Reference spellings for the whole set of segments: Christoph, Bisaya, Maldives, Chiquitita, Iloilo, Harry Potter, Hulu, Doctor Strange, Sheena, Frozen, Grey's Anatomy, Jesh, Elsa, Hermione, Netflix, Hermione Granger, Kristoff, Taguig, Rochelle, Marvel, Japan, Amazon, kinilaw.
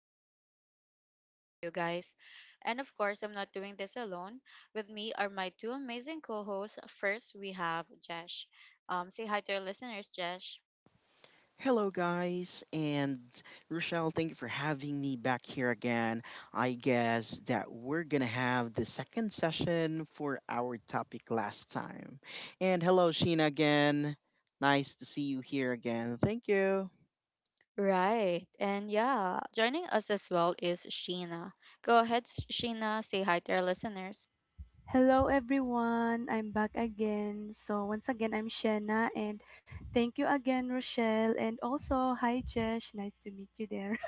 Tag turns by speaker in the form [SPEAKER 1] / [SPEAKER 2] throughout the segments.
[SPEAKER 1] excited to spend time with you guys. And of course, I'm not doing this alone. With me are my two amazing co hosts. First, we have Jesh. Say hi to our listeners, Jesh.
[SPEAKER 2] Hello, guys, and Rochelle, thank you for having me back here again. I guess that we're gonna have the second session for our topic last time. And hello, Sheena, again. Nice to see you here again. Thank you.
[SPEAKER 1] Right, and yeah, joining us as well is Sheena. Go ahead, Sheena, say hi to our listeners.
[SPEAKER 3] Hello everyone, I'm back again. So once again, I'm Shanna and thank you again, Rochelle. And also, hi Jesh, nice to meet you there.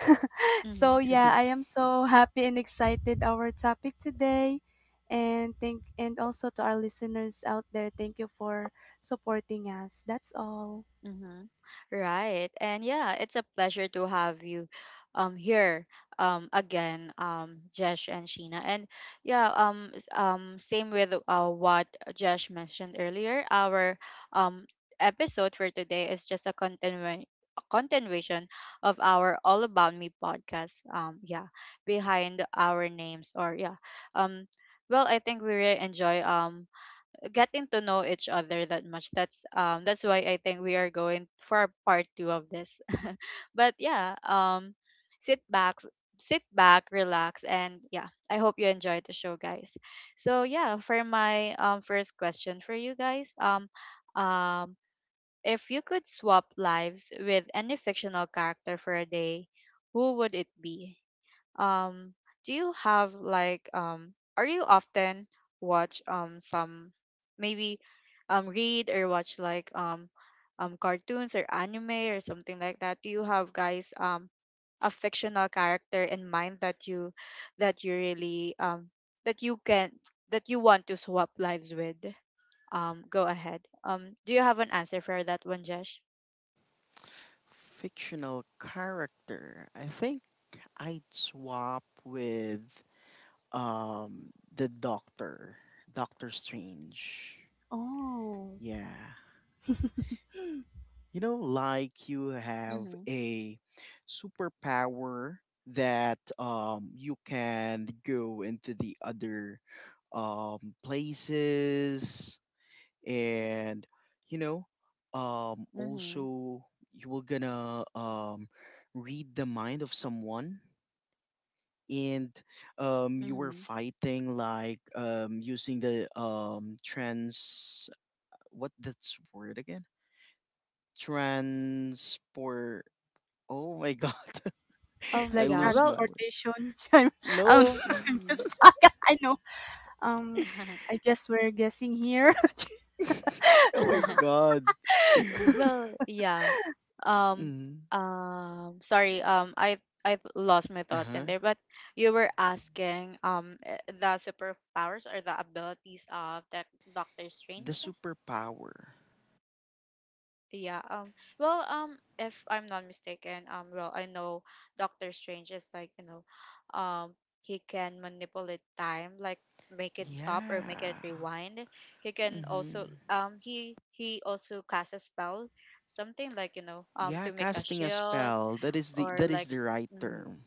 [SPEAKER 3] So, I am so happy and excited our topic today. And thank and also to our listeners out there, thank you for supporting us. That's all.
[SPEAKER 1] Mm-hmm. Right. And yeah, it's a pleasure to have you here again Jesh and Sheena. And yeah, same with what Jesh mentioned earlier. Our um episode for today is just a continuation of our All About Me podcast. Yeah, behind our names or yeah. Um well, I think we really enjoy getting to know each other that much. That's why I think we are going for part two of this. But yeah, sit back sit back, relax and yeah, I hope you enjoyed the show guys. So yeah, for my first question for you guys, um if you could swap lives with any fictional character for a day, who would it be? Um, do you have like are you often watch some maybe read or watch like cartoons or anime or something like that? Do you have guys a fictional character in mind that you really that you can that you want to swap lives with? Go ahead. Do you have an answer for that one, Jesh?
[SPEAKER 2] Fictional character. I'd swap with the Doctor, Doctor Strange.
[SPEAKER 3] Oh,
[SPEAKER 2] Yeah. You know, like you have
[SPEAKER 1] Mm-hmm.
[SPEAKER 2] a superpower that you can go into the other places and, you know,
[SPEAKER 1] Mm-hmm.
[SPEAKER 2] also you were gonna read the mind of someone and you were
[SPEAKER 1] Mm-hmm.
[SPEAKER 2] fighting like using the what that's word again? Transport. Oh my god.
[SPEAKER 3] it's
[SPEAKER 1] Um,
[SPEAKER 2] I
[SPEAKER 3] like
[SPEAKER 1] yeah,
[SPEAKER 2] lose
[SPEAKER 1] well,
[SPEAKER 2] my word.
[SPEAKER 3] transportation. I'm
[SPEAKER 2] No.
[SPEAKER 3] I'm
[SPEAKER 1] Mm-hmm.
[SPEAKER 3] just I know. Um, I guess we're guessing here.
[SPEAKER 2] Oh my god.
[SPEAKER 1] Well, yeah. Um,
[SPEAKER 2] Mm.
[SPEAKER 1] Sorry. I lost my thoughts in
[SPEAKER 2] Uh-huh.
[SPEAKER 1] there, but you were asking the superpowers or the abilities of that Doctor
[SPEAKER 2] The
[SPEAKER 1] Strange.
[SPEAKER 2] superpower.
[SPEAKER 1] Yeah, well, if I'm not mistaken, well, I know Doctor Strange is like, you know, um, he can manipulate time, like make it stop or make it
[SPEAKER 2] Yeah.
[SPEAKER 1] rewind. He can also,
[SPEAKER 2] Mm-hmm.
[SPEAKER 1] he also casts a spell, something like, you know,
[SPEAKER 2] Yeah,
[SPEAKER 1] to make a
[SPEAKER 2] casting a
[SPEAKER 1] shield
[SPEAKER 2] spell. That is the
[SPEAKER 1] or
[SPEAKER 2] that is
[SPEAKER 1] like,
[SPEAKER 2] the right
[SPEAKER 1] mm-hmm.
[SPEAKER 2] term.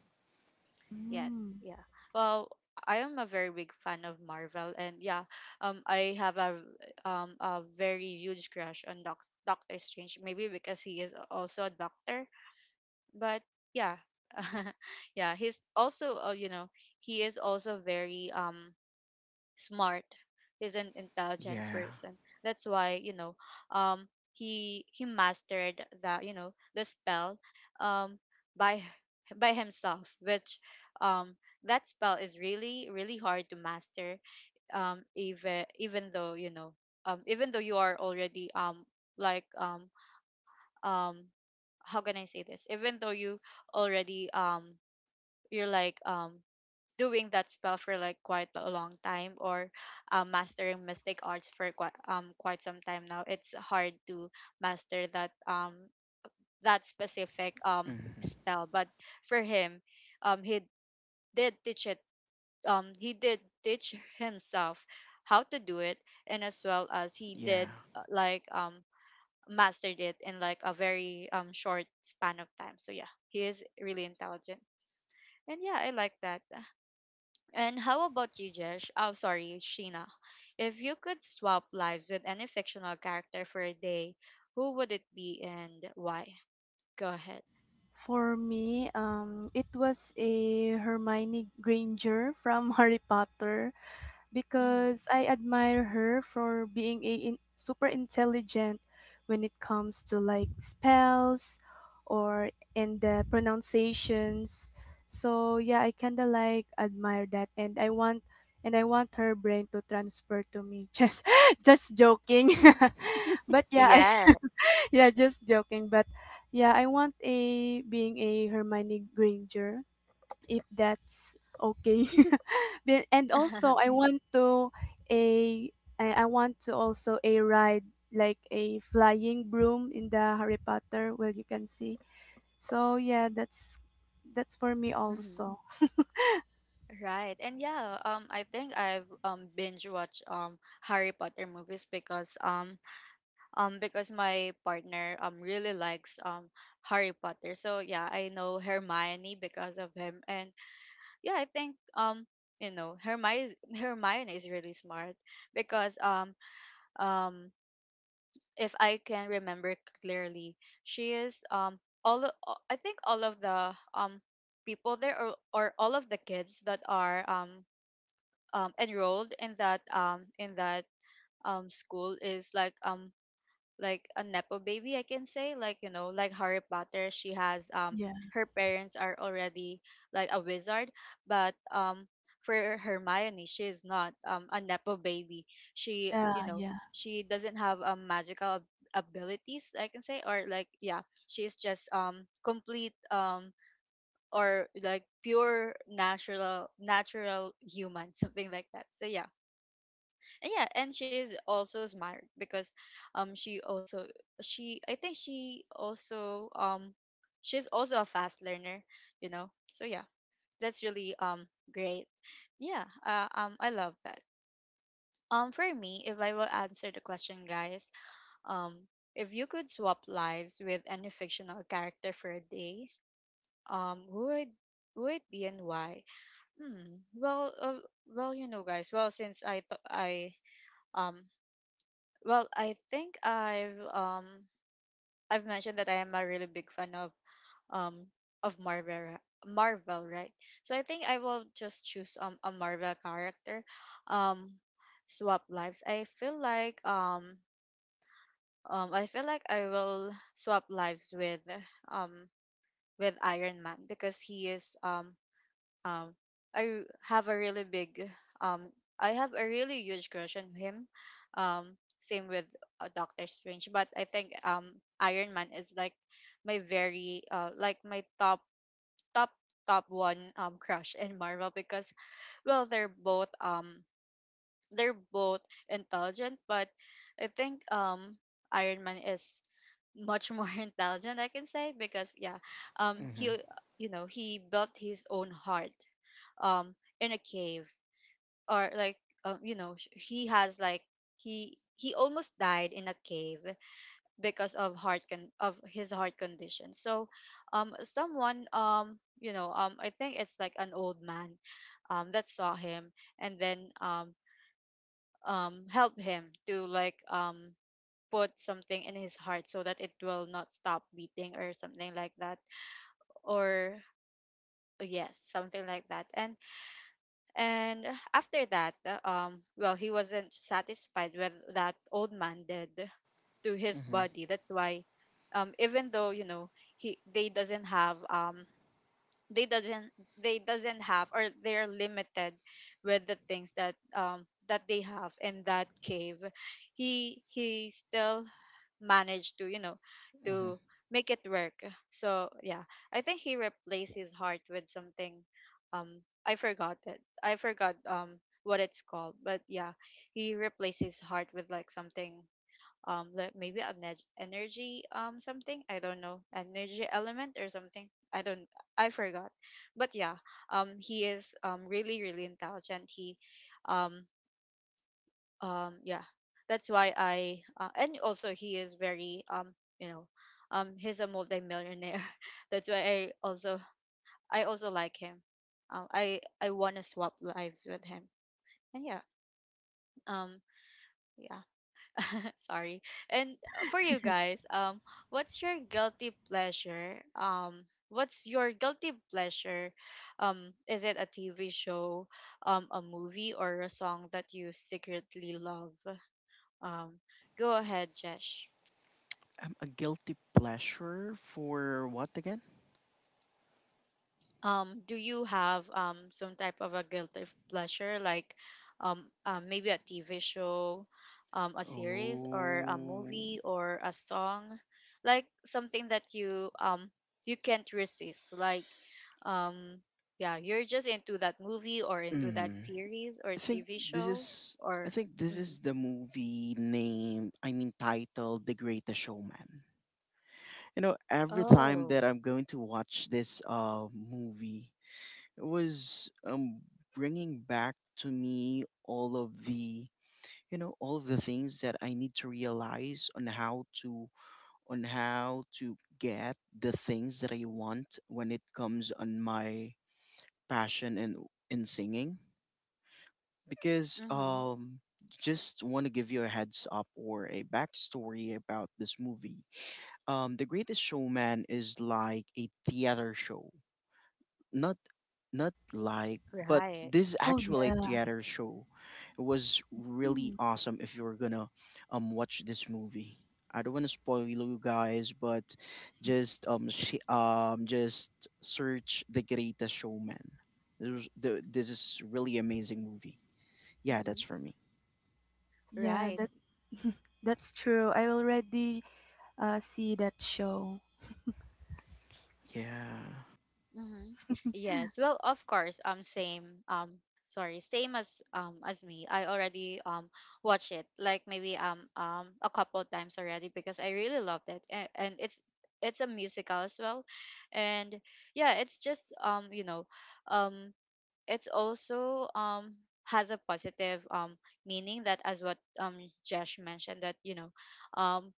[SPEAKER 1] Yes,
[SPEAKER 3] Mm.
[SPEAKER 1] yeah. Well, I am a very big fan of Marvel, and yeah, I have a very huge crush on Doctor Strange. Maybe because he is also a doctor, but yeah, yeah, he's also you know he is also very smart. He's an intelligent
[SPEAKER 2] Yeah.
[SPEAKER 1] person. That's why you know, um, he mastered the you know the spell, um, by by himself. Um, that spell is really really hard to master. Even though you know, even though you are already like um um how can I say this? Even though you already you're like doing that spell for like quite a long time or mastering mystic arts for quite some time now it's hard to master that that specific
[SPEAKER 2] Mm-hmm.
[SPEAKER 1] spell but for him he did teach it he did teach himself how to do it and as well as he did
[SPEAKER 2] Yeah.
[SPEAKER 1] uh, like um mastered it in like a very short span of time so yeah he is really intelligent and yeah I like that. And how about you, Jesh? Oh, sorry, Sheena. If you could swap lives with any fictional character for a day, who would it be and why? Go ahead.
[SPEAKER 3] For me, it was a Hermione Granger from Harry Potter
[SPEAKER 1] Mm-hmm.
[SPEAKER 3] because I admire her for being super intelligent when it comes to like spells or and the pronunciations. So yeah, I kinda like admire that, and I want her brain to transfer to me. Just joking, but yeah, I.
[SPEAKER 1] Yeah.
[SPEAKER 3] yeah, just joking. But yeah, I want a being a Hermione Granger if that's okay. And also, a I want to also a ride like a flying broom in the Harry Potter where you can see. So yeah, that's for me
[SPEAKER 1] hmm
[SPEAKER 3] also.
[SPEAKER 1] Right. And yeah, I think I've binge watched Harry Potter movies because my partner really likes Harry Potter. So yeah, I know Hermione because of him and yeah, I think you know Hermione Hermione is really smart because um if I can remember clearly, she is I think all of the people there or all of the kids that are enrolled in that school is like a nepo baby I can say, like you know like Harry Potter, she has
[SPEAKER 3] Yeah.
[SPEAKER 1] her parents are already like a wizard, but for Hermione she is not a nepo baby, she
[SPEAKER 3] Yeah,
[SPEAKER 1] you know
[SPEAKER 3] yeah.
[SPEAKER 1] she doesn't have abilities I can say or like yeah she is just complete or like pure natural human something like that so yeah yeah. And she is also smart because she also she I think she also she's also a fast learner you know so yeah that's really great. Yeah I love that. For me, if I will answer the question guys, um if you could swap lives with any fictional character for a day, um who would who would be and why. hmm well uh, well you know guys, um Well, I think I've mentioned that I am a really big fan um of Marvel, right? So I think I will just choose a Marvel character. Um Swap lives. I feel like I feel like I will swap lives um with Iron Man because he is um, I have a really big um, I have a really huge crush on him. Same with Doctor Strange, but I think Iron Man is like my very my top top one crush in Marvel because well they're both um they're both intelligent but I think Iron Man is much more intelligent I can say because yeah
[SPEAKER 2] Mm-hmm.
[SPEAKER 1] he you know he built his own heart um in a cave or like you know sh- he has like he almost died in a cave because of his heart condition. So someone you know I think it's like an old man that saw him and then help him to like put something in his heart so that it will not stop beating or something like that or yes something like that. And And after that, well, he wasn't satisfied with that old man did to his
[SPEAKER 2] Mm-hmm.
[SPEAKER 1] body. That's why, even though you know he they doesn't have or they're limited with the things that that they have in that cave, he still managed to you know
[SPEAKER 2] Mm-hmm.
[SPEAKER 1] to make it work. So yeah I think he replaced his heart with something, um I forgot it I forgot what it's called, but yeah he replaced his heart with like something like maybe an energy something I don't know, energy element or something I don't I forgot. But yeah he is really really intelligent. He um yeah, that's why I and also he is very you know he's a multimillionaire that's why I also like him. I want to swap lives with him and yeah um yeah. Sorry. And For you guys, what's your guilty pleasure um what's your guilty pleasure, is it a TV show, a movie or a song that you secretly love? Um, Go ahead, Jesh.
[SPEAKER 2] A guilty pleasure for what again?
[SPEAKER 1] Do you have some type of a guilty pleasure, like maybe a TV show, a series or a
[SPEAKER 2] Oh.
[SPEAKER 1] movie or a song, like something that you you can't resist, like um yeah, you're just into that movie or into that
[SPEAKER 2] Mm-hmm.
[SPEAKER 1] series or
[SPEAKER 2] I think
[SPEAKER 1] TV
[SPEAKER 2] this
[SPEAKER 1] show
[SPEAKER 2] is I
[SPEAKER 1] or
[SPEAKER 2] think this is
[SPEAKER 1] mhm.
[SPEAKER 2] the movie name, I mean titled The Greatest Showman. You know, every time
[SPEAKER 1] Oh,
[SPEAKER 2] that I'm going to watch this movie, it was bringing back to me all of the, you know, all of the things that I need to realize on how to, on how to get the things that I want when it comes on my passion and in singing because
[SPEAKER 1] mm-hmm.
[SPEAKER 2] just want to give you a heads up or a backstory about this movie. The Greatest Showman is like a theater show, not not like, but
[SPEAKER 1] Right.
[SPEAKER 2] this is
[SPEAKER 3] Oh
[SPEAKER 2] actually a
[SPEAKER 3] yeah.
[SPEAKER 2] theater show. It was really
[SPEAKER 3] Hmm.
[SPEAKER 2] awesome if you're gonna watch this movie. I don't want to spoil you guys, but just search The Greatest Showman. This is really amazing movie. Yeah,
[SPEAKER 1] Mm-hmm.
[SPEAKER 2] that's for me.
[SPEAKER 3] Yeah,
[SPEAKER 1] Right.
[SPEAKER 3] that's true. I already see that show.
[SPEAKER 2] Yeah.
[SPEAKER 1] Mm-hmm. Yes. Well, of course. Same. Sorry, same as me. I already watch it like maybe a couple times already because I really loved it, and it's a musical as well, and yeah, it's just you know um it's also has a positive meaning that as what Josh mentioned that you know um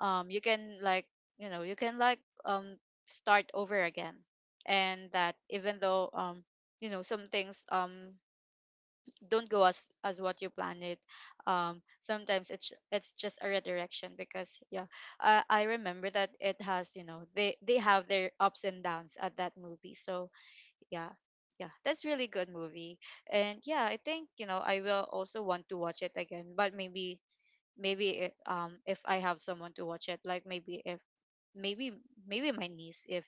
[SPEAKER 1] you can like you know you can like um start over again and that even though you know some things don't go as what you planned it, sometimes it's just a redirection because yeah I remember that it has you know they have their ups and downs at that movie so yeah yeah that's really good movie. And yeah I think you know I will also want to watch it again, but maybe maybe if I have someone to watch it like maybe if maybe maybe my niece, if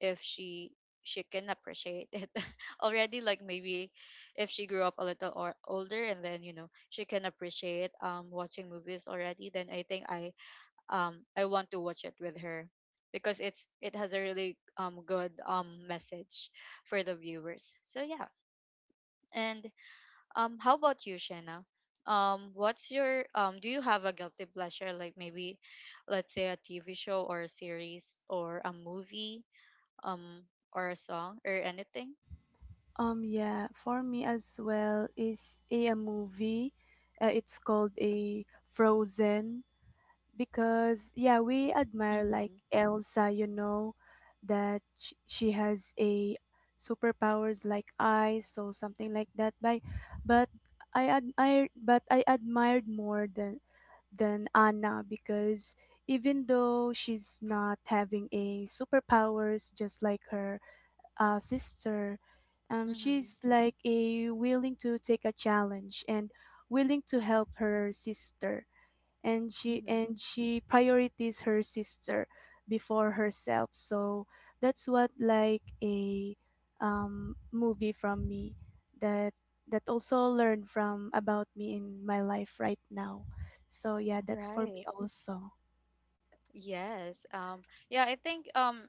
[SPEAKER 1] if she she can appreciate it already, like maybe if she grew up a little or older and then you know she can appreciate watching movies already, then I think I want to watch it with her because it has a really good message for the viewers so yeah. And how about you, Shena? What's your um? Do you have a guilty pleasure, like maybe, let's say a TV show or a series or a movie, um, or a song or anything?
[SPEAKER 3] Yeah, for me as well is a movie. It's called a Frozen because yeah, we admire like
[SPEAKER 1] Mm-hmm.
[SPEAKER 3] Elsa, you know, that she has a superpowers like eyes, so something like that. By but I admired more than Anna because even though she's not having a superpowers just like her, sister.
[SPEAKER 1] Mm-hmm.
[SPEAKER 3] She's like a willing to take a challenge and willing to help her sister, and
[SPEAKER 1] Mm-hmm.
[SPEAKER 3] she prioritizes her sister before herself. So that's what like a movie from me that that also learned from about me in my life right now. So yeah, that's for
[SPEAKER 1] Right.
[SPEAKER 3] me also.
[SPEAKER 1] Yes. Yeah. I think.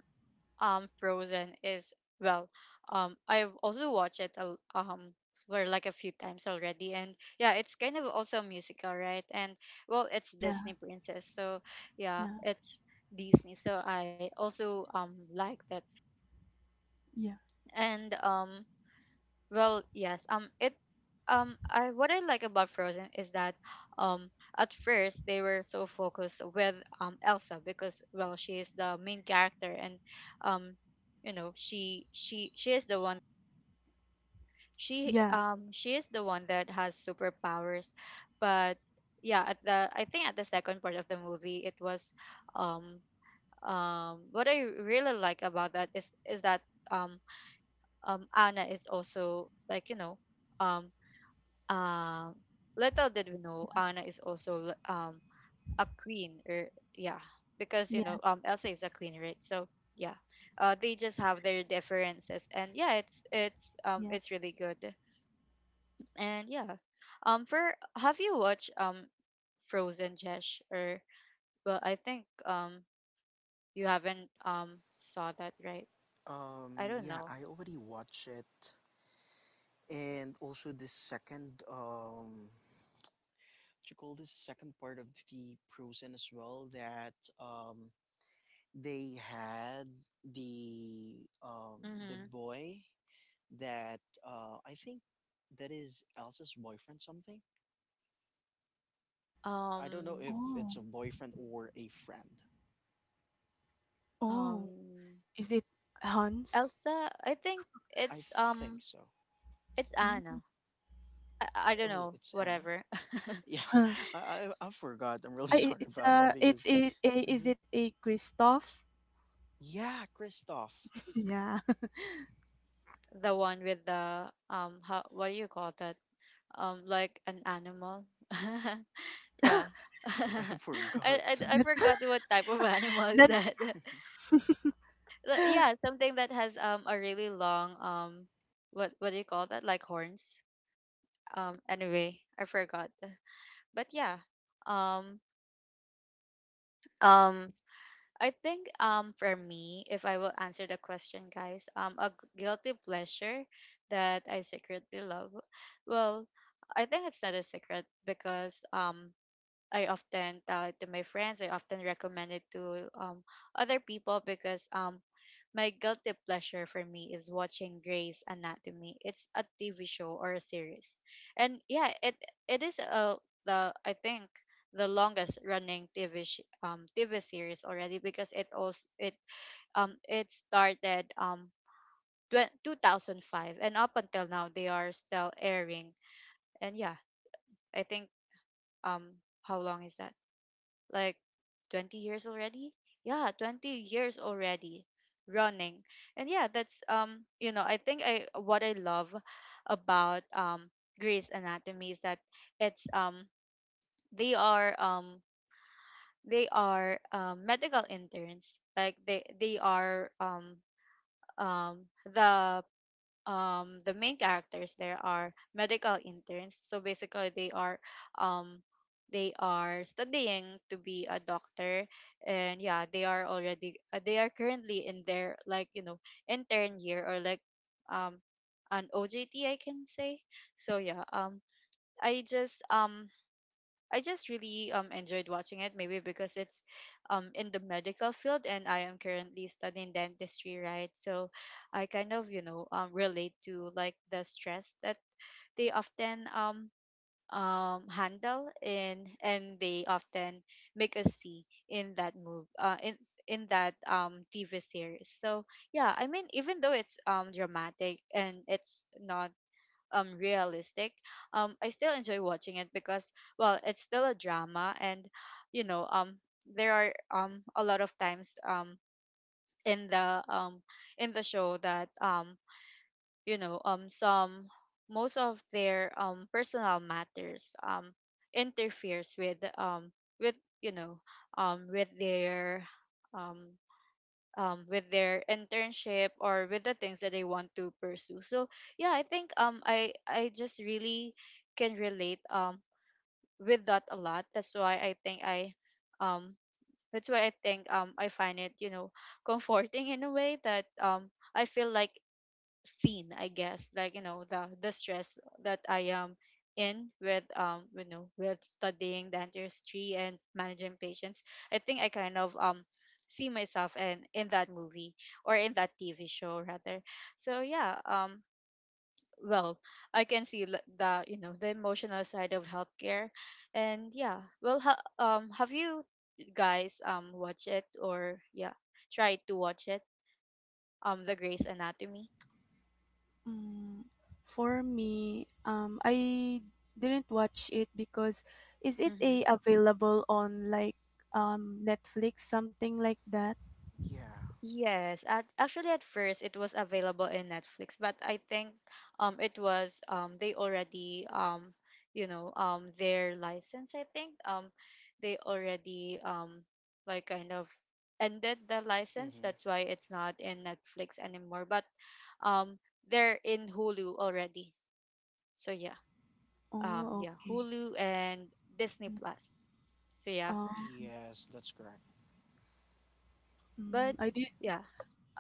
[SPEAKER 1] Frozen is well, I've also watched it for like a few times already, and yeah, it's kind of also a musical, right? And well, it's
[SPEAKER 3] Yeah,
[SPEAKER 1] Disney princess, so yeah,
[SPEAKER 3] yeah,
[SPEAKER 1] it's Disney, so I also liked it.
[SPEAKER 3] yeah,
[SPEAKER 1] And well, yes. It, I what I like about Frozen is that, um, at first they were so focused with Elsa because well, she is the main character, and, um, you know, she is the one, she
[SPEAKER 3] yeah,
[SPEAKER 1] um she is the one that has superpowers, but yeah, at the, I think at the second part of the movie it was, um what I really like about that is that um Anna is also, like, you know, um uh, little did we know Anna is also a queen, or yeah, because you
[SPEAKER 3] yeah,
[SPEAKER 1] know, Elsa is a queen, right? So yeah, they just have their differences, and yeah, it's
[SPEAKER 3] yeah.
[SPEAKER 1] it's really good. And yeah, for, have you watched Frozen, Jesh, or, well, I think you haven't saw that, right? I don't
[SPEAKER 2] Yeah,
[SPEAKER 1] know.
[SPEAKER 2] I already watched it, and also the second, what you call this, second part of the Frozen as well that um they had the um the
[SPEAKER 1] Mm-hmm.
[SPEAKER 2] boy that I think that is Elsa's boyfriend something. I don't know
[SPEAKER 1] um
[SPEAKER 2] if it's
[SPEAKER 3] Oh,
[SPEAKER 2] a boyfriend or a friend.
[SPEAKER 3] oh.
[SPEAKER 1] um
[SPEAKER 3] Is it Hans?
[SPEAKER 1] Elsa, I think
[SPEAKER 2] I
[SPEAKER 1] it's
[SPEAKER 2] think
[SPEAKER 1] um
[SPEAKER 2] so.
[SPEAKER 1] it's
[SPEAKER 3] Mm.
[SPEAKER 1] Anna. I don't
[SPEAKER 2] Oh,
[SPEAKER 1] know,
[SPEAKER 2] it's Anna.
[SPEAKER 1] whatever.
[SPEAKER 2] Yeah,
[SPEAKER 3] Huh.
[SPEAKER 2] I forgot. I'm really sorry about that because.
[SPEAKER 3] It's a
[SPEAKER 2] Mm-hmm.
[SPEAKER 3] is it a Christoph?
[SPEAKER 2] Yeah, Kristoff.
[SPEAKER 3] Yeah.
[SPEAKER 1] The one with the how, what do you call that? Like an animal. Yeah.
[SPEAKER 2] I forgot.
[SPEAKER 1] I, I
[SPEAKER 3] That's
[SPEAKER 1] forgot what type of animal is
[SPEAKER 3] that's
[SPEAKER 1] that. Like, yeah, something that has a really long what do you call that? Like horns. Anyway, I forgot. But yeah. Um um I think for me, if I will answer the question, guys, guilty pleasure that I secretly love. Well, I think it's not a secret because I often tell it to my friends. I often recommend it to other people because my guilty pleasure for me is watching Grey's Anatomy. It's a TV show or a series, and yeah, it is the, I think the longest running TV series already because it also it started 2005, and up until now they are still airing. And yeah, I think um how long is that, like 20 years already, yeah, 20 years already running. And yeah, that's you know, I think I what I love about Grey's Anatomy is that it's they are um they are medical interns, like they are um the the main characters there are medical interns, so basically um they are studying to be a doctor. And yeah, they are already they are currently in their, like, you know, intern year or like um an OJT, I can say. So yeah, I just um I just really enjoyed watching it, maybe because it's in the medical field, and I am currently studying dentistry, right? So I kind of, you know, relate to, like, the stress that they often handle, and they often make us see in that move in that TV series. So yeah, I mean, even though it's dramatic and it's not realistic, I still enjoy watching it because well, it's still a drama. And you know, there are a lot of times in the um in the show that you know, some, most of their personal matters interferes with with, you know, um with their um with their internship or with the things that they want to pursue. So yeah, I think I just really can relate with that a lot. That's why I think I um that's why I think I find it, you know, comforting in a way that I feel, like, seen, I guess, like, you know, the stress that I am in with, you know, with studying dentistry and managing patients. I think I kind of see myself in that movie, or in that TV show rather. So yeah, well, I can see the you know, the emotional side of healthcare. And yeah, well, have you guys watch it, or yeah, try to watch it, the Grace Anatomy?
[SPEAKER 3] mm, for me. I didn't watch it because is it
[SPEAKER 1] Mm-hmm.
[SPEAKER 3] a available on like Netflix something like that?
[SPEAKER 2] Yeah.
[SPEAKER 1] Yes, actually at first it was available in Netflix, but I think it was, they already you know, their license, I think they already like kind of ended the license.
[SPEAKER 2] Mm-hmm.
[SPEAKER 1] That's why it's not in Netflix anymore, but um they're in Hulu already. So yeah.
[SPEAKER 3] Oh,
[SPEAKER 1] Yeah,
[SPEAKER 3] okay.
[SPEAKER 1] Hulu and Disney
[SPEAKER 3] Mm,
[SPEAKER 1] Plus. So yeah.
[SPEAKER 3] oh,
[SPEAKER 2] Yes, that's correct.
[SPEAKER 3] mm,
[SPEAKER 1] But
[SPEAKER 3] I did.
[SPEAKER 1] yeah.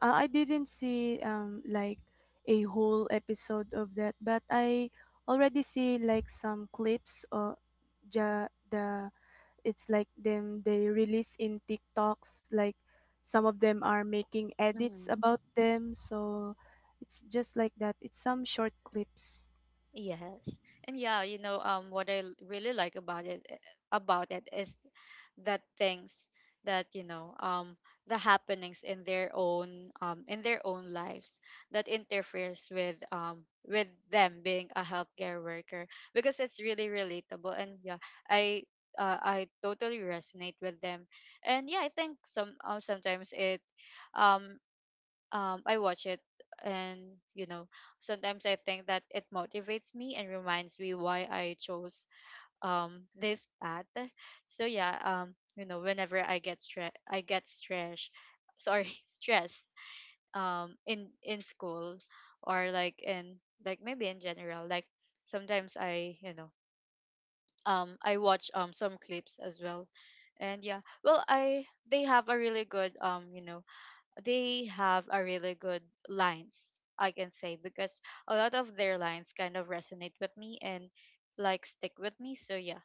[SPEAKER 3] I didn't see like a whole episode of that, but I already see like some clips ja, the it's like them they release in TikToks like some of them are making edits
[SPEAKER 1] Mm-hmm.
[SPEAKER 3] about them so it's just like that it's some short clips.
[SPEAKER 1] Yes. And yeah, you know, what I really like about it, about it is that things that, you know, the happenings in their own lives that interferes with them being a healthcare worker because it's really relatable. And yeah, I I totally resonate with them. And yeah, I think some, sometimes it um I watch it and, you know, sometimes I think that it motivates me and reminds me why I chose this path. So yeah, you know, whenever I get stress, I get stress, sorry, stress in school, or like in, like maybe in general, like sometimes I, you know, I watch some clips as well. And yeah, well, I they have a really good, you know, they have a really good lines, I can say, because a lot of their lines kind of resonate with me and like stick with me. So yeah,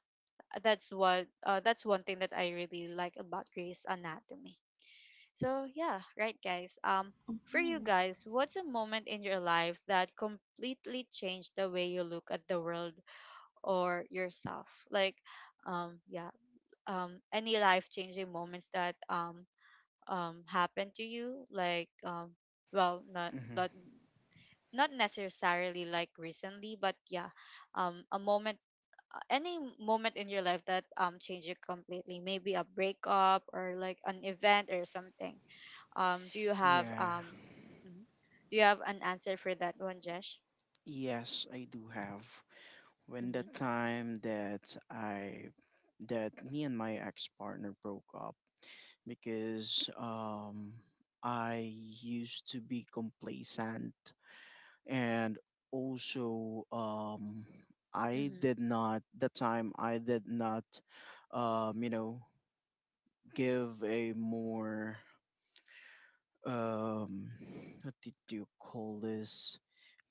[SPEAKER 1] that's what, that's one thing that I really like about Grey's Anatomy. So yeah, right guys, for you
[SPEAKER 3] Mhm.
[SPEAKER 1] guys, what's a moment in your life that completely changed the way you look at the world or yourself? Like yeah, any life changing moments that happen to you, like, well, not,
[SPEAKER 2] Mm-hmm.
[SPEAKER 1] but not necessarily like recently, but yeah, a moment, any moment in your life that changed you completely, maybe a breakup, or like an event or something. Do you have
[SPEAKER 2] Yeah.
[SPEAKER 1] mhm, do you have an answer for that one, Jesh?
[SPEAKER 2] Yes, I do have. When the
[SPEAKER 1] Mm-hmm.
[SPEAKER 2] time that I that me and my ex partner broke up because I used to be complacent and also I
[SPEAKER 1] Mm-hmm.
[SPEAKER 2] did not that time I did not you know give a more um what did you call this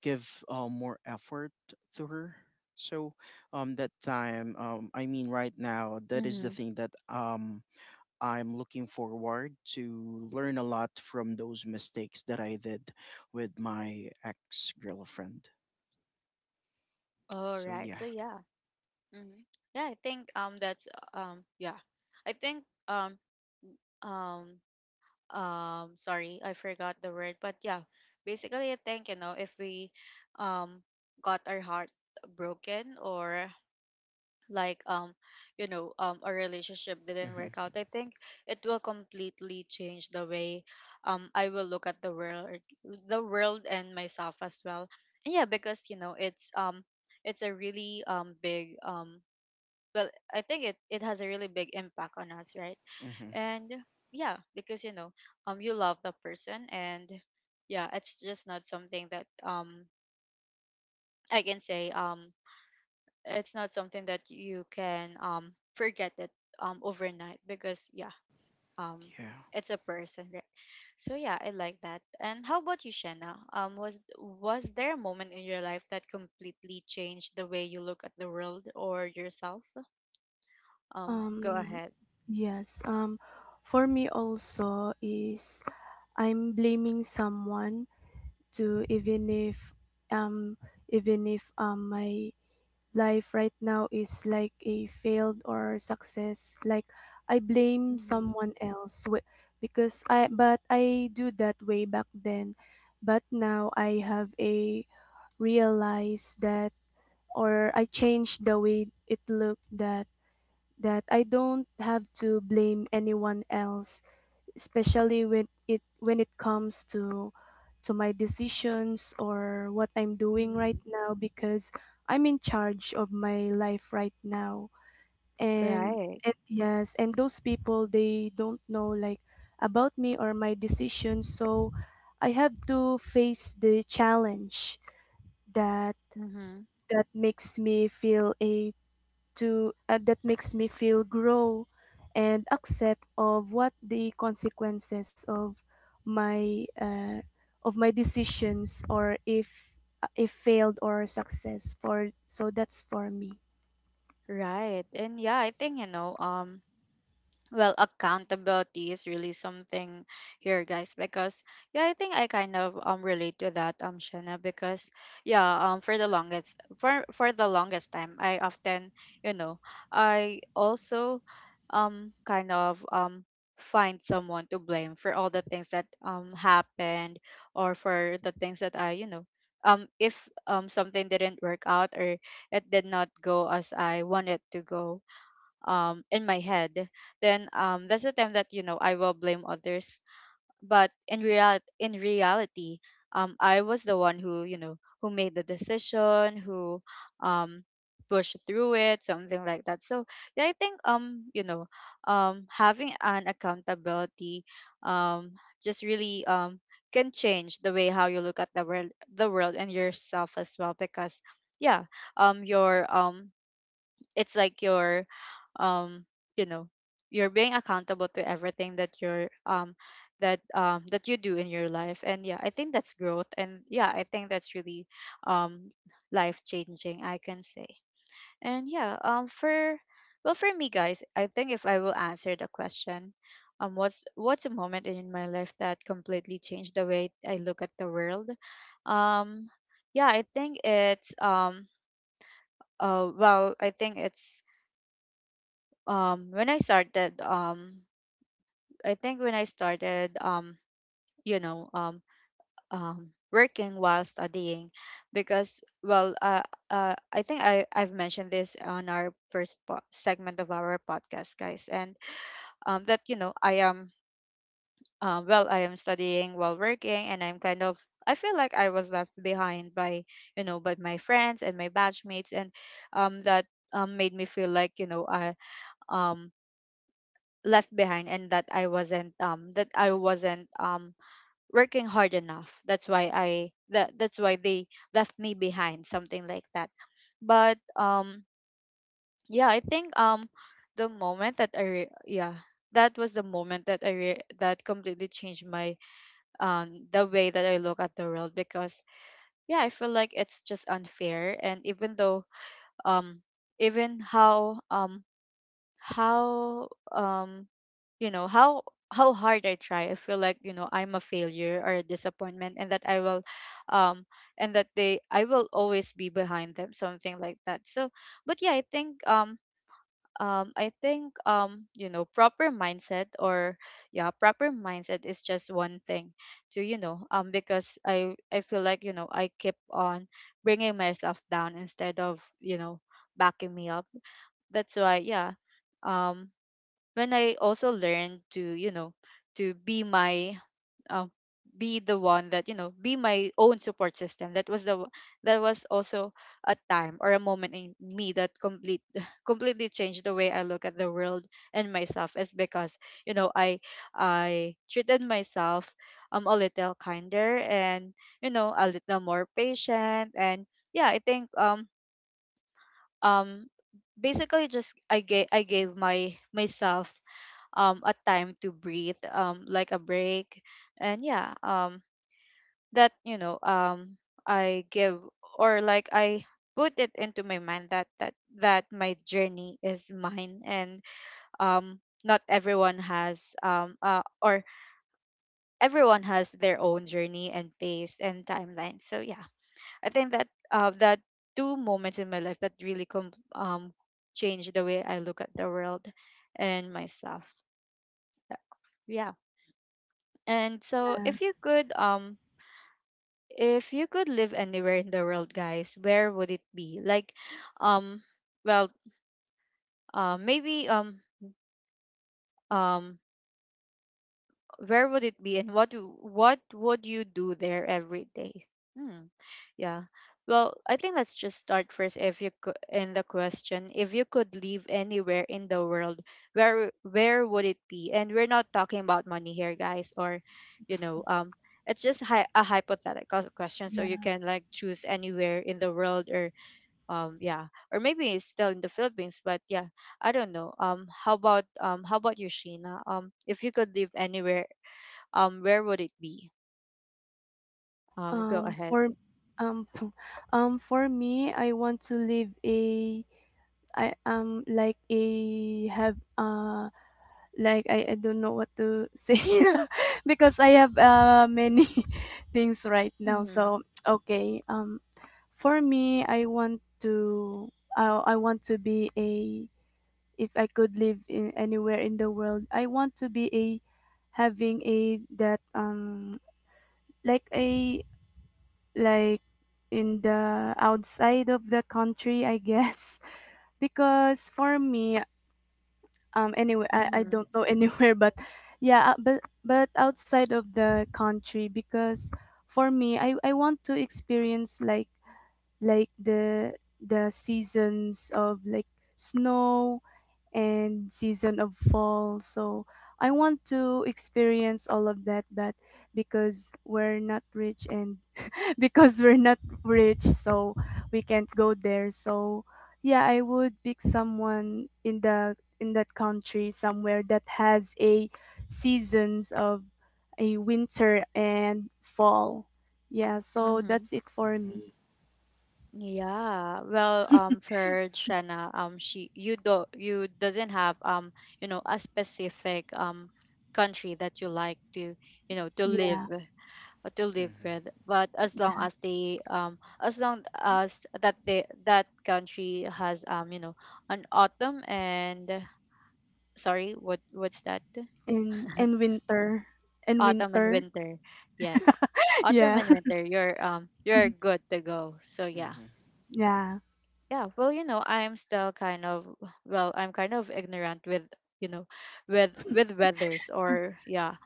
[SPEAKER 2] give more effort to her. So that time I mean right now that is the
[SPEAKER 1] Mm-hmm.
[SPEAKER 2] thing that I'm looking forward to learn a lot from those mistakes that I did with my ex girlfriend.
[SPEAKER 1] All
[SPEAKER 2] So
[SPEAKER 1] right.
[SPEAKER 2] yeah.
[SPEAKER 1] So yeah. Mm-hmm. Yeah, I think that's yeah. I think um sorry, I forgot the word, but yeah, basically, I think, you know, if we um got our heart broken or like, you know, our relationship didn't work
[SPEAKER 2] Mm-hmm.
[SPEAKER 1] out, I think it will completely change the way I will look at the world and myself as well. And yeah, because you know, it's a really big, well, I think it, it has a really big impact on us, right?
[SPEAKER 2] Mm-hmm.
[SPEAKER 1] And yeah, because you know, you love the person, and yeah, it's just not something that I can say, it's not something that you can forget it overnight. Because yeah, um
[SPEAKER 2] Yeah.
[SPEAKER 1] it's a person, right? So yeah, I like that. And how about you, Shanna? Was there a moment in your life that completely changed the way you look at the world or yourself? Go
[SPEAKER 3] um
[SPEAKER 1] ahead.
[SPEAKER 3] yes for me also is I'm blaming someone to um even if my life right now is like a failed or success like I blame
[SPEAKER 1] Mm-hmm.
[SPEAKER 3] someone else because I but I do that way back then but now I have a realize that or I changed the way it looked that that I don't have to blame anyone else especially when it comes to my decisions or what I'm doing right
[SPEAKER 1] Mm-hmm.
[SPEAKER 3] now because I'm in charge of my life right now and,
[SPEAKER 1] Right.
[SPEAKER 3] and yes and those people they don't know like about me or my decisions so I have to face the challenge that that makes me feel a to that makes me feel grow and accept of what the consequences my uh, of my decisions or if failed or success for so that's for me.
[SPEAKER 1] Right. And yeah, I think, well, accountability is really something here guys. Because yeah, I think I kind of relate to that, Shanna. Because yeah for the longest, for the longest time, I often, you know, I also, kind of, find someone to blame for all the things that happened, or for the things that I, if something didn't work out, or it did not go as I wanted to go in my head, then that's the time that, you know, I will blame others. But in reality, I was the one who, you know, who made the decision, who, um pushed through it, something like that. So yeah, I think, having an accountability um just really can change the way how you look at the world and yourself as well. Because yeah, your it's like you're, um you know you're being accountable to everything that you're that that you do in your life. And yeah, I think that's growth, and yeah, I think that's really, um life changing, I can say. And yeah, for, well, for me guys, I think if I will answer the question, what's a moment in my life that completely changed the way I look at the world, um yeah, I think it's, uh, well, I think it's, when I started I think when I started, you know um working while studying. Because I think I've mentioned this on our first segment of our podcast guys. And that, you know, I am, well, I am studying while working, and I'm kind of, I feel like I was left behind by, you know, by my friends and my batchmates. And that made me feel like, you know, I, um left behind, and that I wasn't working hard enough. That's why I that that's why they left me behind, something like that. But yeah, I think, the moment that yeah, that was the moment that that completely changed my, the way that I look at the world. Because yeah, I feel like it's just unfair, and even though, um even how you know how hard I try, I feel like, you know, I'm a failure or a disappointment, and that I will, um, and that they I will always be behind them, something like that. So, but yeah, I think, you know, proper mindset, or yeah, proper mindset is just one thing to, you know, because I feel like, you know, I keep on bringing myself down instead of, you know, backing me up. That's why, yeah, um when I also learned to, you know, to be my, um, be the one that, you know, be my own support system. That was also a time or a moment in me that complete completely changed the way I look at the world and myself. Is because, you know, I treated myself a little kinder, and, you know, a little more patient. And yeah, I think, um basically just I gave my myself a time to breathe, like a break. And yeah, that, you know, I give or like I put it into my mind that that my journey is mine, and um not everyone has or everyone has their own journey and pace and timeline. So yeah, I think that, that two moments in my life that really changed the way I look at the world and myself. Yeah. And so,
[SPEAKER 3] Yeah,
[SPEAKER 1] if you could live anywhere in the world, guys, where would it be? Like, um well, maybe um where would it be, and what would you do there every day? Hmm. Yeah, well, I think let's just start first, if you could, in the question, if you could live anywhere in the world, where would it be? And we're not talking about money here guys, or, you know, it's just a hypothetical question, so you
[SPEAKER 3] yeah.
[SPEAKER 1] can like choose anywhere in the world, or yeah, or maybe it's still in the Philippines, but yeah, I don't know. How about, how about you, Sheena? If you could live anywhere, where would it be? Go ahead.
[SPEAKER 3] For um for me I want to live a I like a have a like I don't know what to say because I have many things right now.
[SPEAKER 1] Mhm.
[SPEAKER 3] So okay, for me, I want to I want to be a if I could live in anywhere in the world, I want to be a having a that like a like in the outside of the country, I guess because for me anyway I
[SPEAKER 1] Mhm.
[SPEAKER 3] don't know anywhere but yeah but outside of the country because for me I want to experience like the seasons of like snow and season of fall so I want to experience all of that but because we're not rich and because we're not rich, so we can't go there. So yeah, I would pick someone in the in that country somewhere that has a seasons of a winter and fall. Yeah, so
[SPEAKER 1] Mhm.
[SPEAKER 3] that's it for
[SPEAKER 2] Mm-hmm.
[SPEAKER 3] me.
[SPEAKER 1] Yeah. Well, for Shanna, she you do you doesn't have, a specific country that you like to, you know, to live,
[SPEAKER 3] Yeah.
[SPEAKER 1] to live
[SPEAKER 2] Mm-hmm.
[SPEAKER 1] with. But as long as they as long as that they that country has, an autumn and, sorry, what, what's that?
[SPEAKER 3] And winter. And
[SPEAKER 1] Autumn and
[SPEAKER 3] winter.
[SPEAKER 1] winter. Yes. Autumn
[SPEAKER 3] Yeah.
[SPEAKER 1] and winter, you're, you're good to go. So yeah.
[SPEAKER 2] Mm-hmm.
[SPEAKER 3] Yeah.
[SPEAKER 1] Yeah, well, you know, I'm still kind of, well, I'm kind of ignorant with, you know, with weathers, or yeah,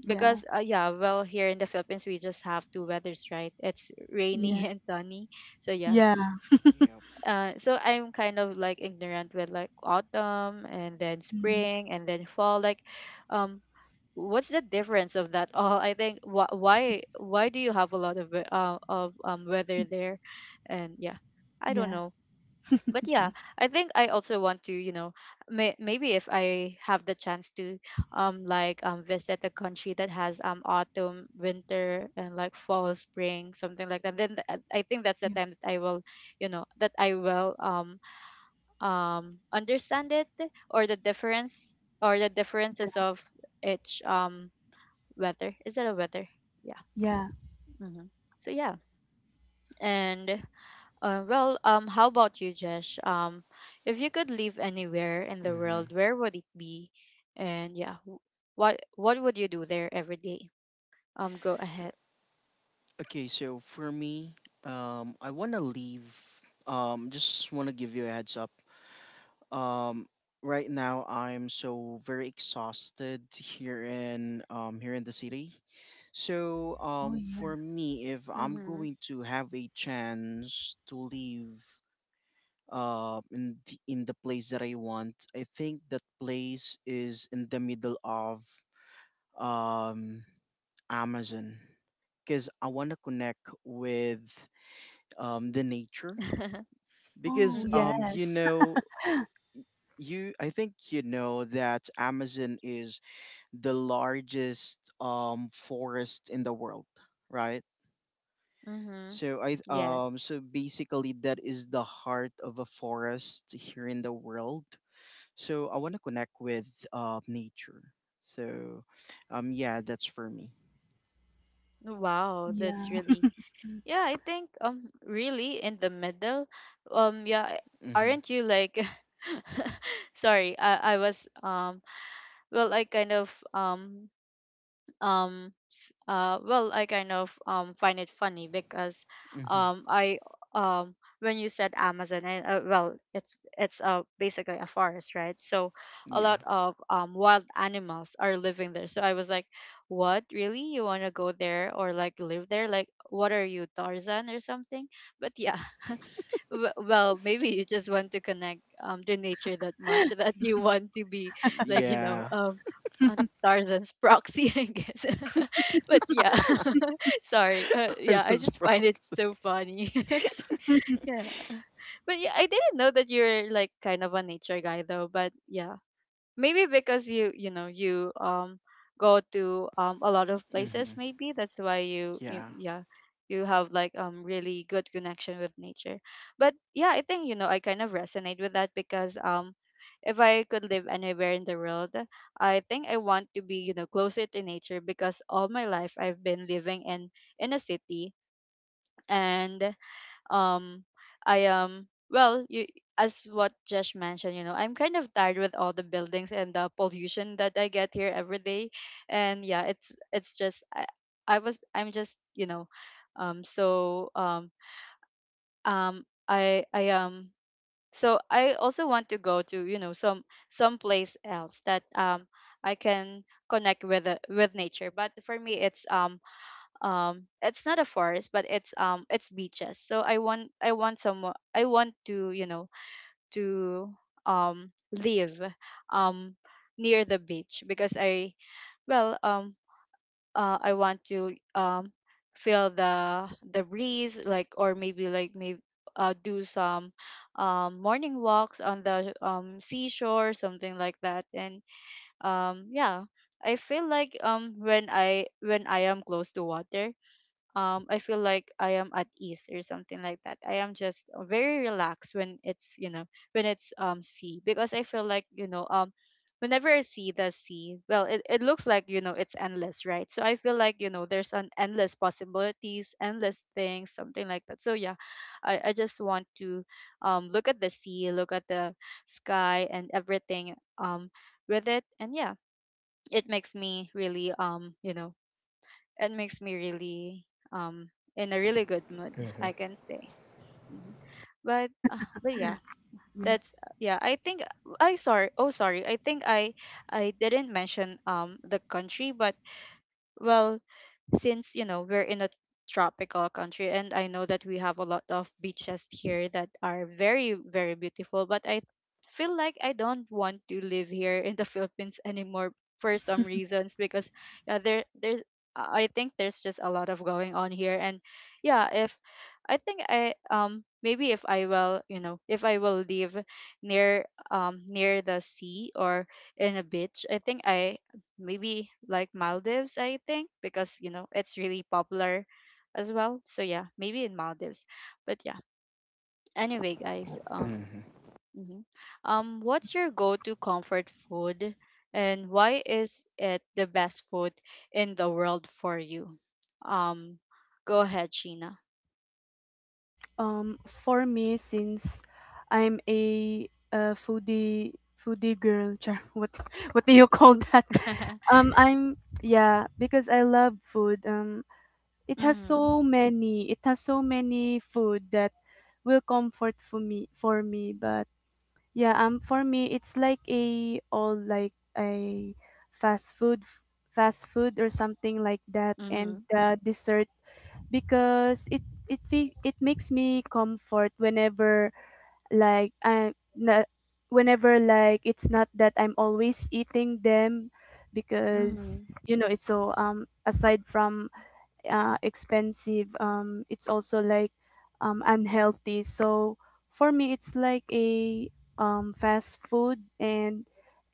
[SPEAKER 3] Yeah.
[SPEAKER 1] because yeah, well, here in the Philippines we just have two weathers, right? It's rainy
[SPEAKER 3] Yeah.
[SPEAKER 1] and sunny. So yeah.
[SPEAKER 3] Yeah.
[SPEAKER 2] Yep.
[SPEAKER 1] Uh, so I'm kind of like ignorant with like autumn and then
[SPEAKER 3] Mm.
[SPEAKER 1] spring and then fall, like, um what's the difference of that all? I think, why do you have a lot of weather there? And yeah, I don't
[SPEAKER 3] Yeah.
[SPEAKER 1] know, but yeah,
[SPEAKER 3] Mhm.
[SPEAKER 1] I think I also want to, you know, maybe if I have the chance to, like visit a country that has autumn, winter, and like fall, spring, something like that, then, I think that's the
[SPEAKER 3] Yeah.
[SPEAKER 1] time that I will, you know, that I will, understand it, or the difference, or the
[SPEAKER 3] Yeah.
[SPEAKER 1] differences of each weather. Is that a weather? Yeah.
[SPEAKER 3] Yeah.
[SPEAKER 1] Hmm. So yeah, and well, how about you, Jesh? If you could live anywhere in the
[SPEAKER 2] Mm-hmm.
[SPEAKER 1] world, where would it be? And yeah, what would you do there every day? Go ahead.
[SPEAKER 2] Okay, so for me, I wanna leave. Just wanna give you a heads up. Um, right now I'm so very exhausted here in here in the city. So
[SPEAKER 3] Oh yeah.
[SPEAKER 2] for me, if I'm
[SPEAKER 1] Mm-hmm.
[SPEAKER 2] going to have a chance to leave in the place that I want, I think that place is in the middle of um, Amazon because I want to connect with the nature because
[SPEAKER 3] Oh
[SPEAKER 1] Mm-hmm.
[SPEAKER 2] you
[SPEAKER 3] yes.
[SPEAKER 2] know y- you I think you know that Amazon is the largest forest in the world, right?
[SPEAKER 1] Mm-hmm.
[SPEAKER 2] So I
[SPEAKER 1] Yes.
[SPEAKER 2] so basically that is the heart of a forest here in the world. So I want to connect with nature. So yeah, that's for me.
[SPEAKER 1] Wow,
[SPEAKER 3] Yeah.
[SPEAKER 1] that's really, yeah. I think, um, really in the middle. Yeah.
[SPEAKER 2] Mm-hmm.
[SPEAKER 1] Aren't you like? Sorry, I was well, I kind of, well, I kind of find it funny. Because
[SPEAKER 2] Mm-hmm.
[SPEAKER 1] I um when you said Amazon, and well, it's basically a forest, right? So a
[SPEAKER 2] Yeah.
[SPEAKER 1] lot of wild animals are living there. So I was like, what, really, you want to go there, or like live there, like what are you, Tarzan or something? But yeah. W- well, maybe you just want to connect to nature that much that you want to be like, you know,
[SPEAKER 2] Yeah.
[SPEAKER 1] a Tarzan's proxy I guess. But yeah, sorry, yeah, I
[SPEAKER 2] Carson's
[SPEAKER 1] just
[SPEAKER 2] Frog.
[SPEAKER 1] find it so funny. Yeah, but yeah, I didn't know that you're like kind of a nature guy though. But yeah, maybe because you know, you, go to a lot of places,
[SPEAKER 2] Hmm.
[SPEAKER 1] maybe that's why you, you,
[SPEAKER 2] Yeah.
[SPEAKER 1] yeah, you have like really good connection with nature. But yeah, I think, you know, I kind of resonate with that. Because if I could live anywhere in the world, I think I want to be, you know, closer to nature, because all my life I've been living in a city. And um I well, you, as what Josh mentioned, you know, I'm kind of tired with all the buildings and the pollution that I get here every day. And yeah, it's just I'm just, you know, um so um um I I um so I also want to go to, you know, some someplace else that I can connect with the with nature. But for me it's, it's not a forest, but it's, it's beaches. So I want, I want someone, I want to, you know, to, live um near the beach. Because I, well um I want to feel the breeze, like, or maybe, like, maybe, do some, morning walks on the, seashore, something like that. And yeah, I feel like, when I, when I am close to water, I feel like I am at ease, or something like that. I am just very relaxed when it's, you know, when it's, sea. Because I feel like, you know, whenever I see the sea, well, it looks like, you know, it's endless, right? So I feel like, you know, there's an endless possibilities, endless things, something like that. So yeah, I just want to look at the sea, look at the sky, and everything with it. And yeah, it makes me really, it makes me really, um in a really good mood, I can say. Mhm. But but yeah,
[SPEAKER 3] Yeah.
[SPEAKER 1] that's, yeah, I think, I sorry, oh sorry, I think I didn't mention the country. But well, since, you know, we're in a tropical country, and I know that we have a lot of beaches here that are very, very beautiful, but I feel like I don't want to live here in the Philippines anymore for some reasons. Because yeah, there, there's, I think there's just a lot of going on here. And yeah, if I think I, maybe if I will, you know, if I will live near, near the sea, or in a beach, I think I, maybe like Maldives, I think, because you know it's really popular as well. So yeah, maybe in Maldives. But yeah, anyway, guys,
[SPEAKER 2] Hmm.
[SPEAKER 1] mhm, what's your go-to comfort food, and why is it the best food in the world for you? Um, go ahead, Sheena.
[SPEAKER 3] For me, since I'm a, foodie girl, char, what do you call that? I'm yeah because I love food. It has
[SPEAKER 1] Mm-hmm.
[SPEAKER 3] so many. It has so many food that will comfort for me for me. But yeah, for me, it's like a all like a fast food, fast food or something like that,
[SPEAKER 1] Mm-hmm.
[SPEAKER 3] and the dessert because it it makes me comfort whenever like I not, whenever like it's not that I'm always eating them because
[SPEAKER 1] Mm-hmm.
[SPEAKER 3] you know it's so aside from expensive. It's also like unhealthy. So for me, it's like a fast food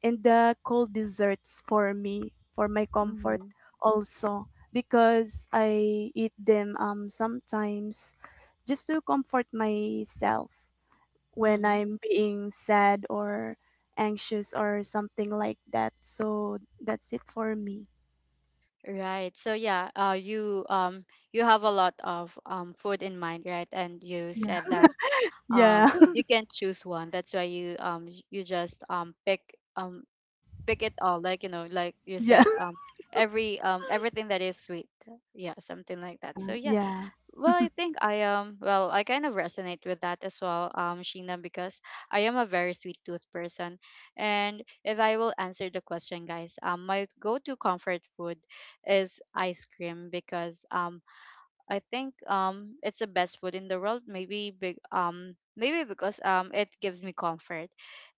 [SPEAKER 3] and the cold desserts for me for my comfort
[SPEAKER 1] Mm-hmm.
[SPEAKER 3] also because I eat them sometimes just to comfort myself when
[SPEAKER 1] Mm-hmm.
[SPEAKER 3] I'm being sad or anxious or something like that. So that's it for me.
[SPEAKER 1] Right. So yeah, you, you have a lot of food in mind, right? And you
[SPEAKER 3] Yeah.
[SPEAKER 1] said that
[SPEAKER 3] Yeah.
[SPEAKER 1] you can't choose one, that's why you you just pick um pick it all, like, you know, like you
[SPEAKER 3] yeah.
[SPEAKER 1] said, everything that is sweet, yeah, something like that, so yeah.
[SPEAKER 3] Yeah.
[SPEAKER 1] Well, I think I well, I kind of resonate with that as well, Sheena, because I am a very sweet tooth person. And if I will answer the question, guys, my go-to comfort food is ice cream, because I think it's the best food in the world. Maybe big maybe because it gives me comfort,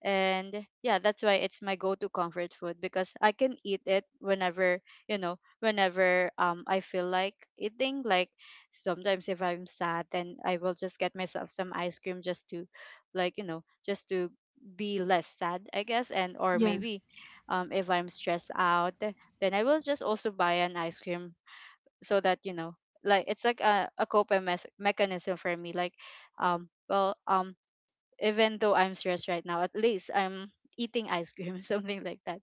[SPEAKER 1] and yeah, that's why it's my go-to comfort food, because I can eat it whenever, you know, whenever I feel like eating. Like sometimes if I'm sad, then I will just get myself some ice cream, just to, like, you know, just to be less sad, I guess, and or
[SPEAKER 3] Yeah.
[SPEAKER 1] maybe if I'm stressed out, then I will just also buy an ice cream, so that, you know, like it's like a coping mechanism for me, like um well um even though I'm stressed right now, at least I'm eating ice cream, something like that.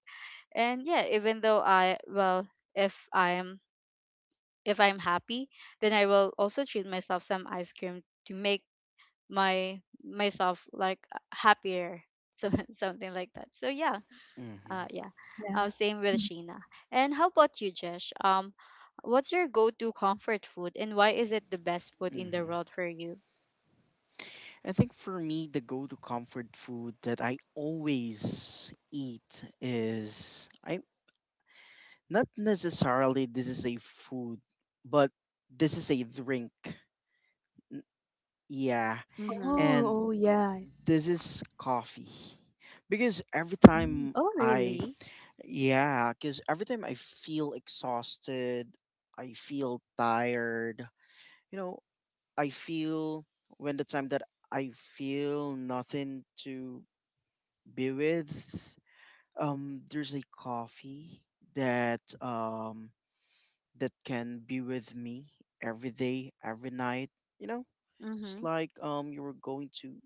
[SPEAKER 1] And yeah, even though I well if I'm, if I'm happy, then I will also treat myself some ice cream to make my myself like happier, so something like that, so yeah.
[SPEAKER 2] Hmm. Hmm.
[SPEAKER 1] Uh, yeah.
[SPEAKER 3] Yeah.
[SPEAKER 1] Same with
[SPEAKER 3] Mm.
[SPEAKER 1] Sheena. And how about you, Jesh? What's your go-to comfort food, and why is it the best food in the world for you?
[SPEAKER 2] I think for me, the go to comfort food that I always eat is I, not necessarily this is a food, but this is a drink. N- Yeah.
[SPEAKER 1] Mm-hmm.
[SPEAKER 3] Oh,
[SPEAKER 2] And
[SPEAKER 3] oh, yeah.
[SPEAKER 2] this is coffee. Because every
[SPEAKER 3] Mm.
[SPEAKER 2] time
[SPEAKER 1] Oh,
[SPEAKER 2] I,
[SPEAKER 1] really?
[SPEAKER 2] yeah, because every time I feel exhausted, I feel tired, you know, I feel when the time that I feel nothing to be with, there's a coffee that that can be with me every day, every night. You know, it's
[SPEAKER 1] Mm-hmm.
[SPEAKER 2] like you were going to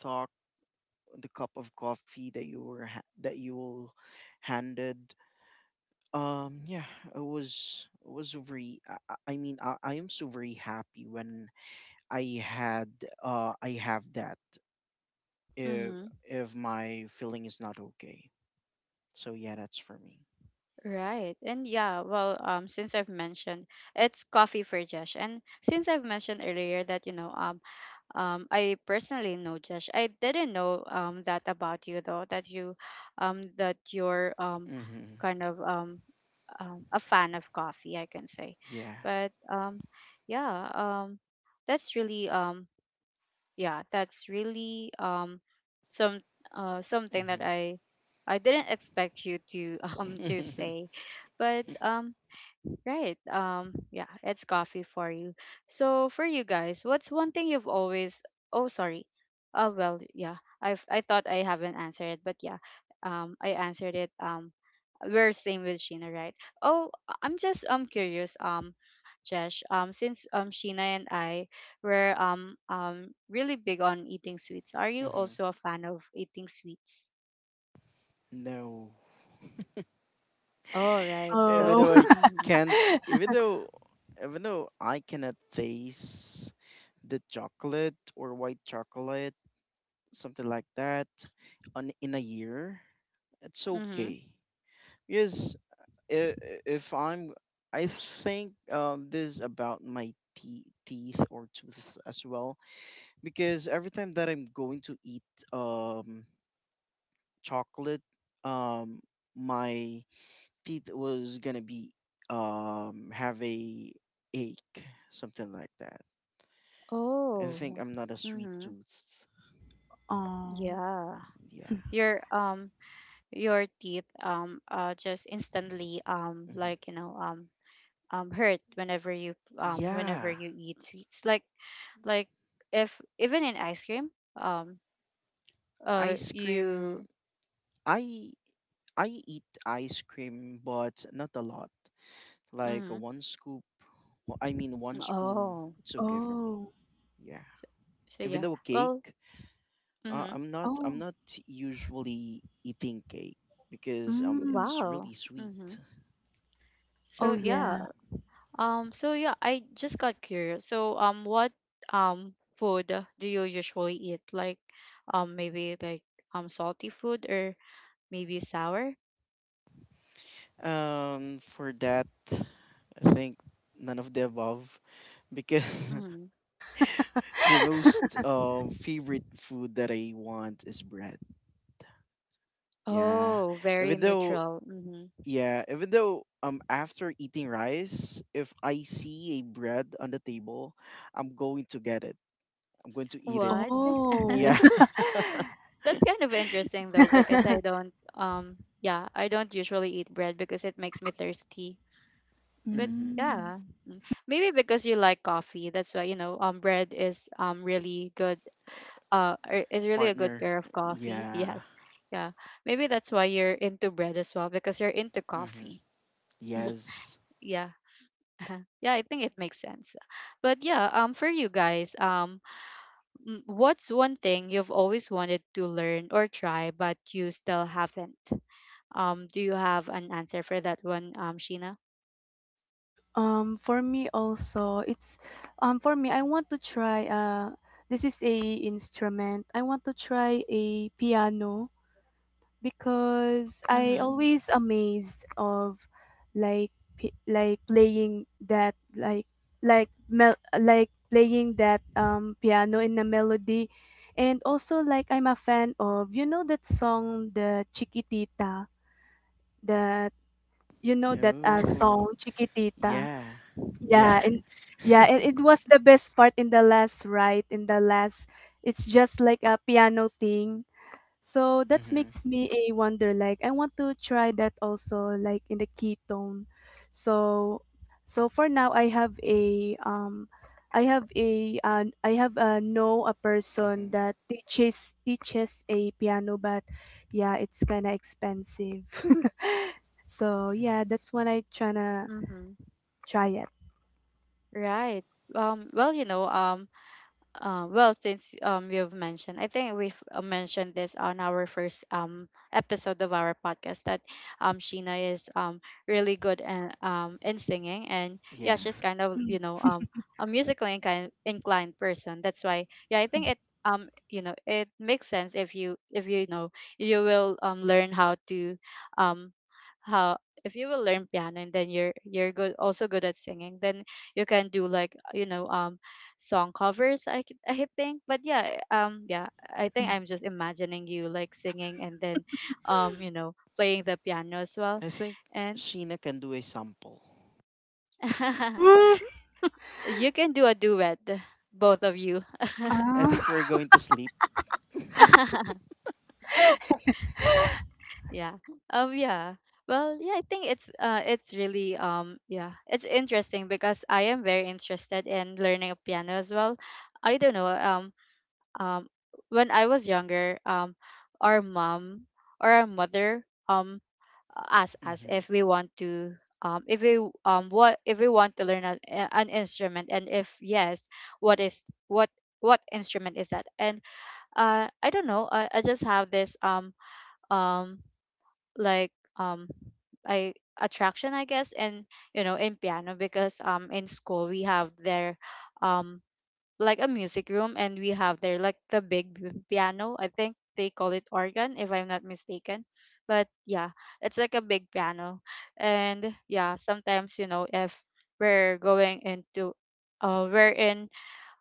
[SPEAKER 2] talk the cup of coffee that you will handed. Yeah, it was very. I mean, I am so very happy when I had I have that if
[SPEAKER 1] Mm-hmm.
[SPEAKER 2] if my feeling is not okay. So yeah, that's for me.
[SPEAKER 1] Right. And yeah, well, since I've mentioned it's coffee for Josh, and since I've mentioned earlier that, you know, I personally know Josh. I didn't know that about you though, that that you're
[SPEAKER 2] Mm-hmm.
[SPEAKER 1] kind of a fan of coffee, I can say.
[SPEAKER 2] Yeah.
[SPEAKER 1] But yeah, that's really yeah, that's really some something that
[SPEAKER 2] Mm-hmm.
[SPEAKER 1] I didn't expect you to to say, but Right. Yeah, it's coffee for you. So for you guys, what's one thing you've always Oh, sorry. Oh, well, yeah. I have I thought I haven't answered it, but yeah. I answered it. We're same with Sheena, right? Oh, I'm just curious. Jesh, since Sheena and I were really big on eating sweets, are you
[SPEAKER 2] Mm-hmm.
[SPEAKER 1] also a fan of eating sweets?
[SPEAKER 2] No.
[SPEAKER 1] Oh, right.
[SPEAKER 2] Even
[SPEAKER 3] Oh.
[SPEAKER 1] So,
[SPEAKER 2] though I
[SPEAKER 1] mm-hmm.
[SPEAKER 2] can't, even though, even though I cannot taste the chocolate or white chocolate, something like that, on in a year, it's
[SPEAKER 1] Mhm.
[SPEAKER 2] okay. Yes, if I'm, I think this is about my teeth or tooth as well because every time that I'm going to eat chocolate, um my teeth was gonna be have a ache, something like that. I think
[SPEAKER 1] Oh.
[SPEAKER 2] I'm not a sweet
[SPEAKER 1] Mhm.
[SPEAKER 2] tooth.
[SPEAKER 3] Oh.
[SPEAKER 1] Yeah.
[SPEAKER 2] Yeah.
[SPEAKER 1] Your um your teeth just instantly
[SPEAKER 2] Hmm.
[SPEAKER 1] like, you know, hurt whenever you whenever
[SPEAKER 2] Yeah.
[SPEAKER 1] you eat sweets. Like if even in ice cream um
[SPEAKER 2] Ice cream.
[SPEAKER 1] you
[SPEAKER 2] I I eat ice cream but not a lot. Like
[SPEAKER 1] mm-hmm,
[SPEAKER 2] one scoop, well, I mean one
[SPEAKER 1] mm
[SPEAKER 2] spoon,
[SPEAKER 1] oh
[SPEAKER 2] it's okay for me.
[SPEAKER 3] Oh.
[SPEAKER 2] Yeah.
[SPEAKER 1] so, so
[SPEAKER 2] Even
[SPEAKER 1] yeah
[SPEAKER 2] though
[SPEAKER 1] well
[SPEAKER 2] cake, Uh,
[SPEAKER 1] mm-hmm.
[SPEAKER 2] I'm not I'm
[SPEAKER 3] Oh.
[SPEAKER 2] not usually eating cake because
[SPEAKER 3] Mm.
[SPEAKER 2] it's
[SPEAKER 1] Wow.
[SPEAKER 2] really
[SPEAKER 1] Mm-hmm.
[SPEAKER 2] sweet.
[SPEAKER 3] Oh,
[SPEAKER 1] So
[SPEAKER 2] Yeah.
[SPEAKER 3] yeah.
[SPEAKER 1] yeah. So yeah, I just got curious. So, what food do you usually eat? Like, maybe like salty food or maybe sour?
[SPEAKER 2] For that I think none of the above because
[SPEAKER 1] Mm-hmm.
[SPEAKER 2] the most favorite food that I want is bread. Yeah.
[SPEAKER 1] Oh, very
[SPEAKER 2] Even though
[SPEAKER 1] neutral. Mm-hmm.
[SPEAKER 2] yeah, even though after eating rice, if I see a bread on the table, I'm going to get it. I'm going to eat it.
[SPEAKER 1] What?
[SPEAKER 3] Oh.
[SPEAKER 2] Yeah.
[SPEAKER 1] That's kind of interesting though, because I don't yeah, I don't usually eat bread because it makes me thirsty. But
[SPEAKER 2] Mhm.
[SPEAKER 3] Mm.
[SPEAKER 1] yeah, mm, maybe because you like coffee, that's why, you know, bread is really good is really a good
[SPEAKER 2] Partner.
[SPEAKER 1] pair of coffee.
[SPEAKER 2] Yeah.
[SPEAKER 1] Yes. Yeah. Maybe that's why you're into bread as well, because you're into
[SPEAKER 2] Mm-hmm.
[SPEAKER 1] coffee. Mhm.
[SPEAKER 2] Yes.
[SPEAKER 1] Yeah. Yeah, I think it makes sense. But yeah, for you guys, what's one thing you've always wanted to learn or try but you still haven't? Do you have an answer for that one, Sheena?
[SPEAKER 3] For me also, it's for me I want to try this is a instrument. I want to try a piano. Because I
[SPEAKER 1] Mhm.
[SPEAKER 3] always amazed of like like playing that like like playing that piano in a melody and also like I'm a fan of you know that song the Chiquitita that you know that
[SPEAKER 2] Oh,
[SPEAKER 3] song Chiquitita
[SPEAKER 2] yeah. Yeah.
[SPEAKER 3] yeah and yeah and it was the best part in the last right in the last it's just like a piano thing so that
[SPEAKER 2] Mm-hmm.
[SPEAKER 3] makes me a wonder like I want to try that also like in the ketone. So so for now I have a I have a know a person
[SPEAKER 2] Mm-hmm.
[SPEAKER 3] that teaches a piano but yeah it's kind of expensive. so yeah that's when I tryna
[SPEAKER 1] Mhm.
[SPEAKER 3] try it.
[SPEAKER 1] Right. Well, you know, well, since you've mentioned, I think we've mentioned this on our first episode of our podcast, that Sheena is really good and in singing, and yeah,
[SPEAKER 2] Yeah.
[SPEAKER 1] she's kind of, you know, a musically inclined person. That's why, yeah, I think it you know, it makes sense if you, if you know, you will learn how to um how if you will learn piano, and then you're good, also good at singing, then you can do, like, you know, song covers. I think. But yeah, yeah, I think I'm just imagining you like singing, and then you know, playing the piano as well.
[SPEAKER 2] I think
[SPEAKER 1] And
[SPEAKER 2] Sheena can do a sample.
[SPEAKER 1] you can do a duet, both of you.
[SPEAKER 2] I think
[SPEAKER 3] Ah,
[SPEAKER 2] we're going to sleep.
[SPEAKER 1] yeah. Yeah, well, yeah, I think it's really yeah, it's interesting, because I am very interested in learning a piano as well. I don't know um when I was younger, our mom or our mother ask us
[SPEAKER 2] Mm-hmm.
[SPEAKER 1] if we want to if we what if we want to learn an instrument, and if yes, what is what what instrument is that? And I don't know, I just have this um like I attraction, I guess, and you know, in piano, because in school we have their um like a music room, and we have there like the big piano, I think they call it organ if I'm not mistaken, but yeah, it's like a big piano. And yeah, sometimes, you know, if we're going into we're in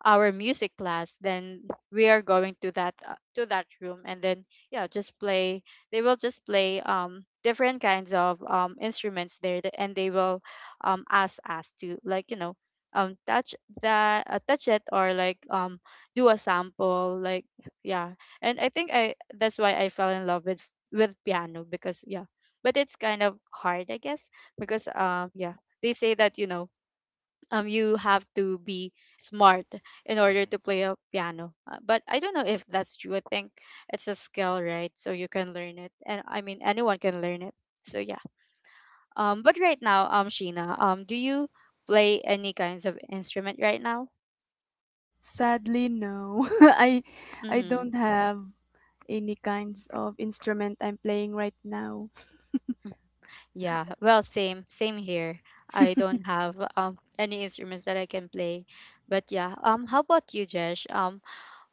[SPEAKER 1] our music class, then we are going to that room, and then yeah, just play they will just play different kinds of instruments there, and they will ask us to, like, you know, touch that touch it, or like do a sample, like, yeah. And I think I that's why I fell in love with piano, because yeah, but it's kind of hard, I guess, because yeah, they say that, you know, you have to be smart in order to
[SPEAKER 2] Mm-hmm.
[SPEAKER 1] play a piano. But I don't know if that's true. I think it's a skill, right? So you can learn it, and I mean, anyone can learn it, so yeah. But right now, Sheena, do you play any kinds of instrument right now?
[SPEAKER 3] sadly, no. I
[SPEAKER 1] Mm-hmm.
[SPEAKER 3] don't have any kinds of instrument I'm playing right now.
[SPEAKER 1] Yeah, well, same, same here. I don't have any instruments that I can play. But yeah, how about you, Jesh?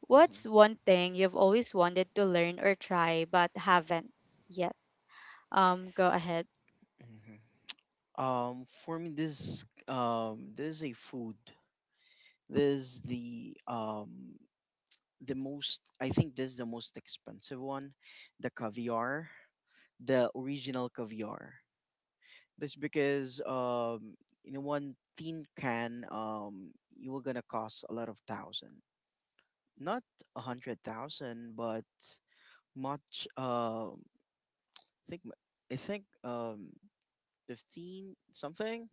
[SPEAKER 1] What's one thing you've always wanted to learn or try but haven't yet? Go ahead.
[SPEAKER 2] Mm-hmm. For me, this is a food. This is the most. I think this is the most expensive one, the caviar, the original caviar. That's because in one tin can you were gonna cost a lot of thousand, not a hundred thousand, but much. I think I think 15 something.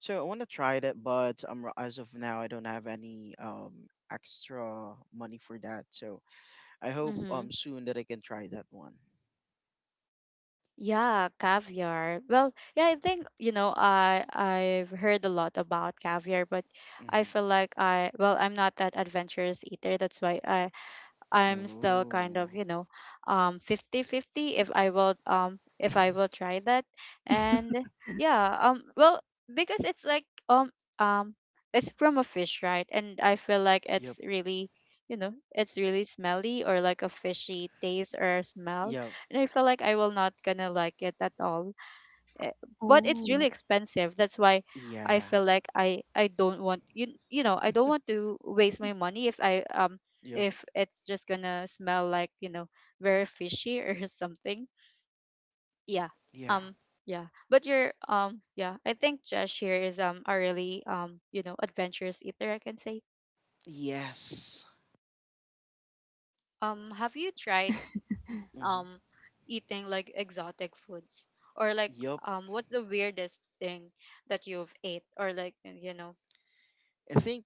[SPEAKER 2] So I want to try that, but as of now I don't have any extra money for that. So I hope
[SPEAKER 1] Mm-hmm.
[SPEAKER 2] soon that I can try that one.
[SPEAKER 1] Yeah, caviar. Well, yeah, I think, you know, I've heard a lot about caviar, but I feel
[SPEAKER 2] Mm-hmm.
[SPEAKER 1] like I'm not that adventurous eater. That's why I'm still kind of,
[SPEAKER 2] Oh.
[SPEAKER 1] you know, 50/50 if I will try that. And yeah, well, because it's like um it's from a fish, right? And I feel like
[SPEAKER 2] Yep.
[SPEAKER 1] it's really, you know, it's really smelly, or like a fishy taste or smell.
[SPEAKER 2] Yep.
[SPEAKER 1] And I feel like I will not gonna like it at all. Eh, but it's really
[SPEAKER 3] Oh,
[SPEAKER 1] expensive, that's why I
[SPEAKER 2] Yeah.
[SPEAKER 1] feel like I don't want, you know, I don't want to waste my money if I
[SPEAKER 2] Yep.
[SPEAKER 1] if it's just gonna smell like, you know, very fishy or something, yeah.
[SPEAKER 2] Yeah.
[SPEAKER 1] um yeah, but you're yeah, I think Josh here is a really you know, adventurous eater, I can say.
[SPEAKER 2] Yes.
[SPEAKER 1] Have you tried
[SPEAKER 2] Hmm.
[SPEAKER 1] um eating like exotic foods, or like
[SPEAKER 2] Yup.
[SPEAKER 1] what's the weirdest thing that you've ate, or like, you know,
[SPEAKER 2] I think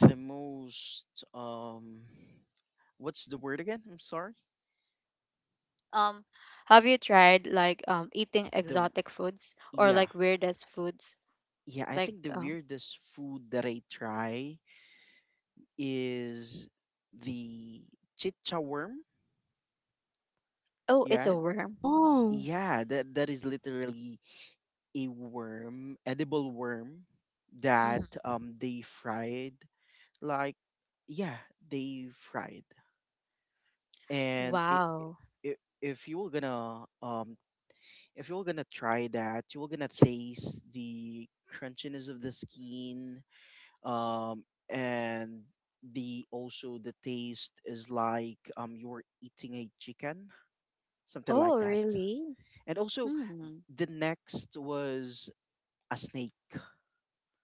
[SPEAKER 2] the most um, what's the word again? I'm sorry.
[SPEAKER 1] Um, have you tried, like, eating
[SPEAKER 2] The
[SPEAKER 1] exotic foods or
[SPEAKER 2] yeah
[SPEAKER 1] like weirdest foods?
[SPEAKER 2] yeah. I
[SPEAKER 1] Like,
[SPEAKER 2] think the weirdest food that I try is the chicha worm.
[SPEAKER 1] oh, it's a
[SPEAKER 2] Yeah,
[SPEAKER 1] worm.
[SPEAKER 3] oh,
[SPEAKER 2] yeah. That that is literally a worm, edible worm
[SPEAKER 1] Mhm.
[SPEAKER 2] that they fried like, yeah, they fried, and
[SPEAKER 1] Wow.
[SPEAKER 2] if you were gonna if you're gonna try that, you're gonna taste the crunchiness of the skin, and the also the taste is like you're eating a chicken, something like
[SPEAKER 1] Oh,
[SPEAKER 2] that.
[SPEAKER 1] really?
[SPEAKER 2] And also
[SPEAKER 1] Hmm.
[SPEAKER 2] the next was a snake.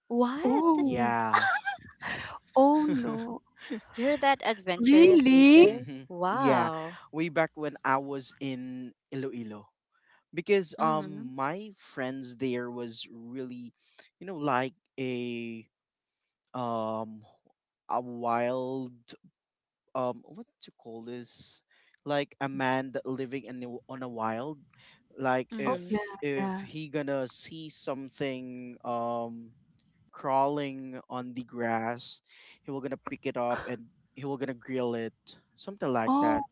[SPEAKER 1] What?
[SPEAKER 3] oh,
[SPEAKER 2] Yeah.
[SPEAKER 3] oh no.
[SPEAKER 1] You're that adventurous
[SPEAKER 3] Really?
[SPEAKER 1] eater?
[SPEAKER 2] Hmm. Yeah,
[SPEAKER 1] Wow.
[SPEAKER 2] way back when I was in Iloilo, because
[SPEAKER 1] Mhm.
[SPEAKER 2] my friends there was really, you know, like um a wild what to call this like a
[SPEAKER 3] Well,
[SPEAKER 2] man that living in the, on a wild, like
[SPEAKER 3] oh yeah,
[SPEAKER 1] Mhm.
[SPEAKER 2] if
[SPEAKER 3] yeah.
[SPEAKER 2] he gonna see something crawling on the grass he will gonna pick it up and he will gonna grill it, something like that.
[SPEAKER 3] Oh,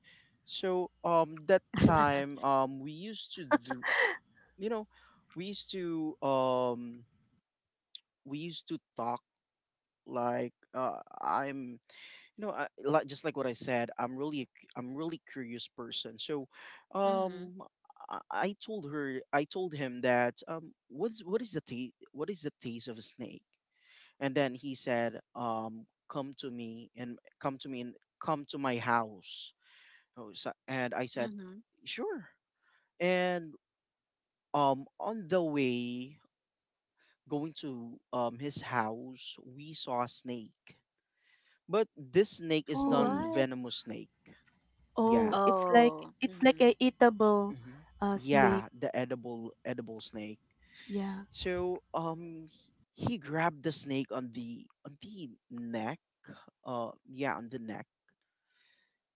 [SPEAKER 2] So that time we used to do, you know, we used to um we used to talk like I'm you know, I, like just like what I said, I'm really, I'm really curious person. So,
[SPEAKER 1] mhm.
[SPEAKER 2] um, I told her, I told him that what's what is the what is the taste of a snake? And then he said, come to me and come to my house. Oh, so. And I said,
[SPEAKER 1] Mhm.
[SPEAKER 2] sure. And on the way going to his house, we saw a snake, but this snake is non
[SPEAKER 3] oh,
[SPEAKER 1] What?
[SPEAKER 2] venomous snake. Yeah.
[SPEAKER 3] oh.
[SPEAKER 1] Oh.
[SPEAKER 3] It's like
[SPEAKER 1] Mhm.
[SPEAKER 3] a eatable
[SPEAKER 2] Hmm.
[SPEAKER 3] snake.
[SPEAKER 2] Yeah, the edible edible snake.
[SPEAKER 3] Yeah.
[SPEAKER 2] So he grabbed the snake on the neck. Uh, yeah, on the neck.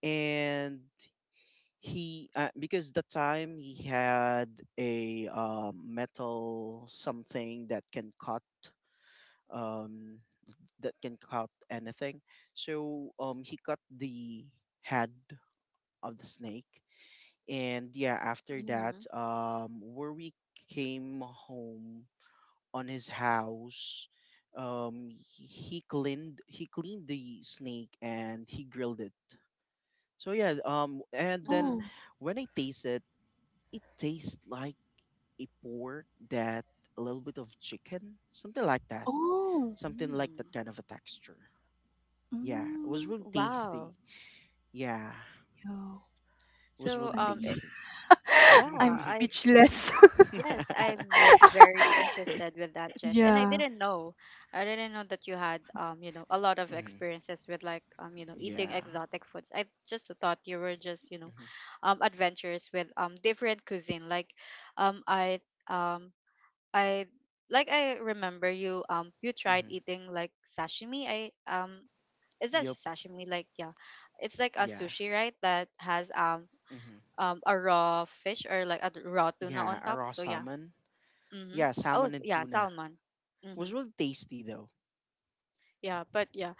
[SPEAKER 2] And he because the time he had a metal something um that can cut anything. So he cut the head of the snake. And yeah, after that,
[SPEAKER 1] Mhm.
[SPEAKER 2] where we came home on his house. Um, he cleaned the snake and he grilled it. So yeah, and then
[SPEAKER 3] Oh,
[SPEAKER 1] Mhm.
[SPEAKER 2] when I taste it, it tastes like a pork that a little bit of chicken,
[SPEAKER 3] oh.
[SPEAKER 2] something like
[SPEAKER 1] Mm.
[SPEAKER 2] that kind of a texture. Yeah, it was
[SPEAKER 3] Mm,
[SPEAKER 2] really tasty.
[SPEAKER 1] Wow.
[SPEAKER 2] Yeah,
[SPEAKER 3] yo.
[SPEAKER 2] it was
[SPEAKER 1] So
[SPEAKER 2] really
[SPEAKER 3] I'm
[SPEAKER 2] tasty.
[SPEAKER 1] yeah,
[SPEAKER 3] I'm
[SPEAKER 1] I
[SPEAKER 3] speechless.
[SPEAKER 1] Yes, I'm very interested with that, Jesh. And
[SPEAKER 3] Yeah,
[SPEAKER 1] I didn't know that you had, you know, a lot of
[SPEAKER 2] Mhm.
[SPEAKER 1] experiences with like, you know, eating
[SPEAKER 2] Yeah.
[SPEAKER 1] exotic foods. I just thought you were just, you know, adventurous with different cuisine. Like, um, I, um, I like I remember you, you tried
[SPEAKER 2] Mm-hmm.
[SPEAKER 1] eating like sashimi. Is that
[SPEAKER 2] Yep.
[SPEAKER 1] sashimi? Like, yeah, it's like a
[SPEAKER 2] Yeah.
[SPEAKER 1] sushi, right? That has
[SPEAKER 2] Mm-hmm.
[SPEAKER 1] a raw fish or like a raw tuna
[SPEAKER 2] Yeah.
[SPEAKER 1] on
[SPEAKER 2] A
[SPEAKER 1] top.
[SPEAKER 2] raw
[SPEAKER 1] So yeah.
[SPEAKER 2] salmon.
[SPEAKER 1] Mhm.
[SPEAKER 2] Yeah,
[SPEAKER 1] Oh,
[SPEAKER 2] salmon and
[SPEAKER 1] yeah,
[SPEAKER 2] tuna.
[SPEAKER 1] salmon.
[SPEAKER 2] Was
[SPEAKER 1] Mhm.
[SPEAKER 2] really tasty though.
[SPEAKER 1] Yeah, but yeah.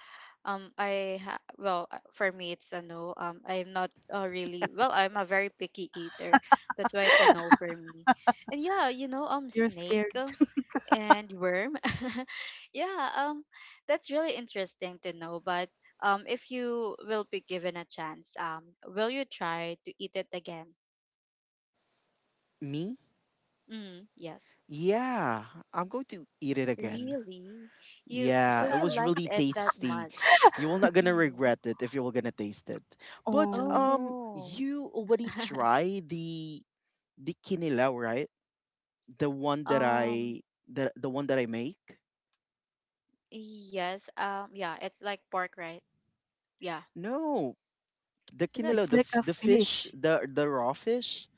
[SPEAKER 1] Well, for me it's a no. I'm not really, well, I'm a very picky eater. That's why it's a no for me. And yeah, you know,
[SPEAKER 3] you're
[SPEAKER 1] snake,
[SPEAKER 3] scared.
[SPEAKER 1] and worm. yeah, that's really interesting to know, but if you will be given a chance, will you try to eat it again?
[SPEAKER 2] Me?
[SPEAKER 1] Mm, yes.
[SPEAKER 2] Yeah, I'm going to eat it again.
[SPEAKER 1] Really? You, so
[SPEAKER 2] Yeah, it
[SPEAKER 1] you
[SPEAKER 2] was
[SPEAKER 1] liked
[SPEAKER 2] really
[SPEAKER 1] it that
[SPEAKER 2] tasty.
[SPEAKER 1] much?
[SPEAKER 2] You will not gonna
[SPEAKER 1] Mhm.
[SPEAKER 2] regret it if you were gonna taste it. But
[SPEAKER 1] Oh
[SPEAKER 3] Oh.
[SPEAKER 1] no.
[SPEAKER 2] you already tried the kinilaw, right? The one that I
[SPEAKER 1] Um,
[SPEAKER 2] the one that I make.
[SPEAKER 1] yes. Yeah, it's like pork, right? Yeah.
[SPEAKER 2] No, the
[SPEAKER 1] Is it?
[SPEAKER 2] kinilaw,
[SPEAKER 3] It's like a
[SPEAKER 2] the fish,
[SPEAKER 3] fish.
[SPEAKER 2] the raw fish.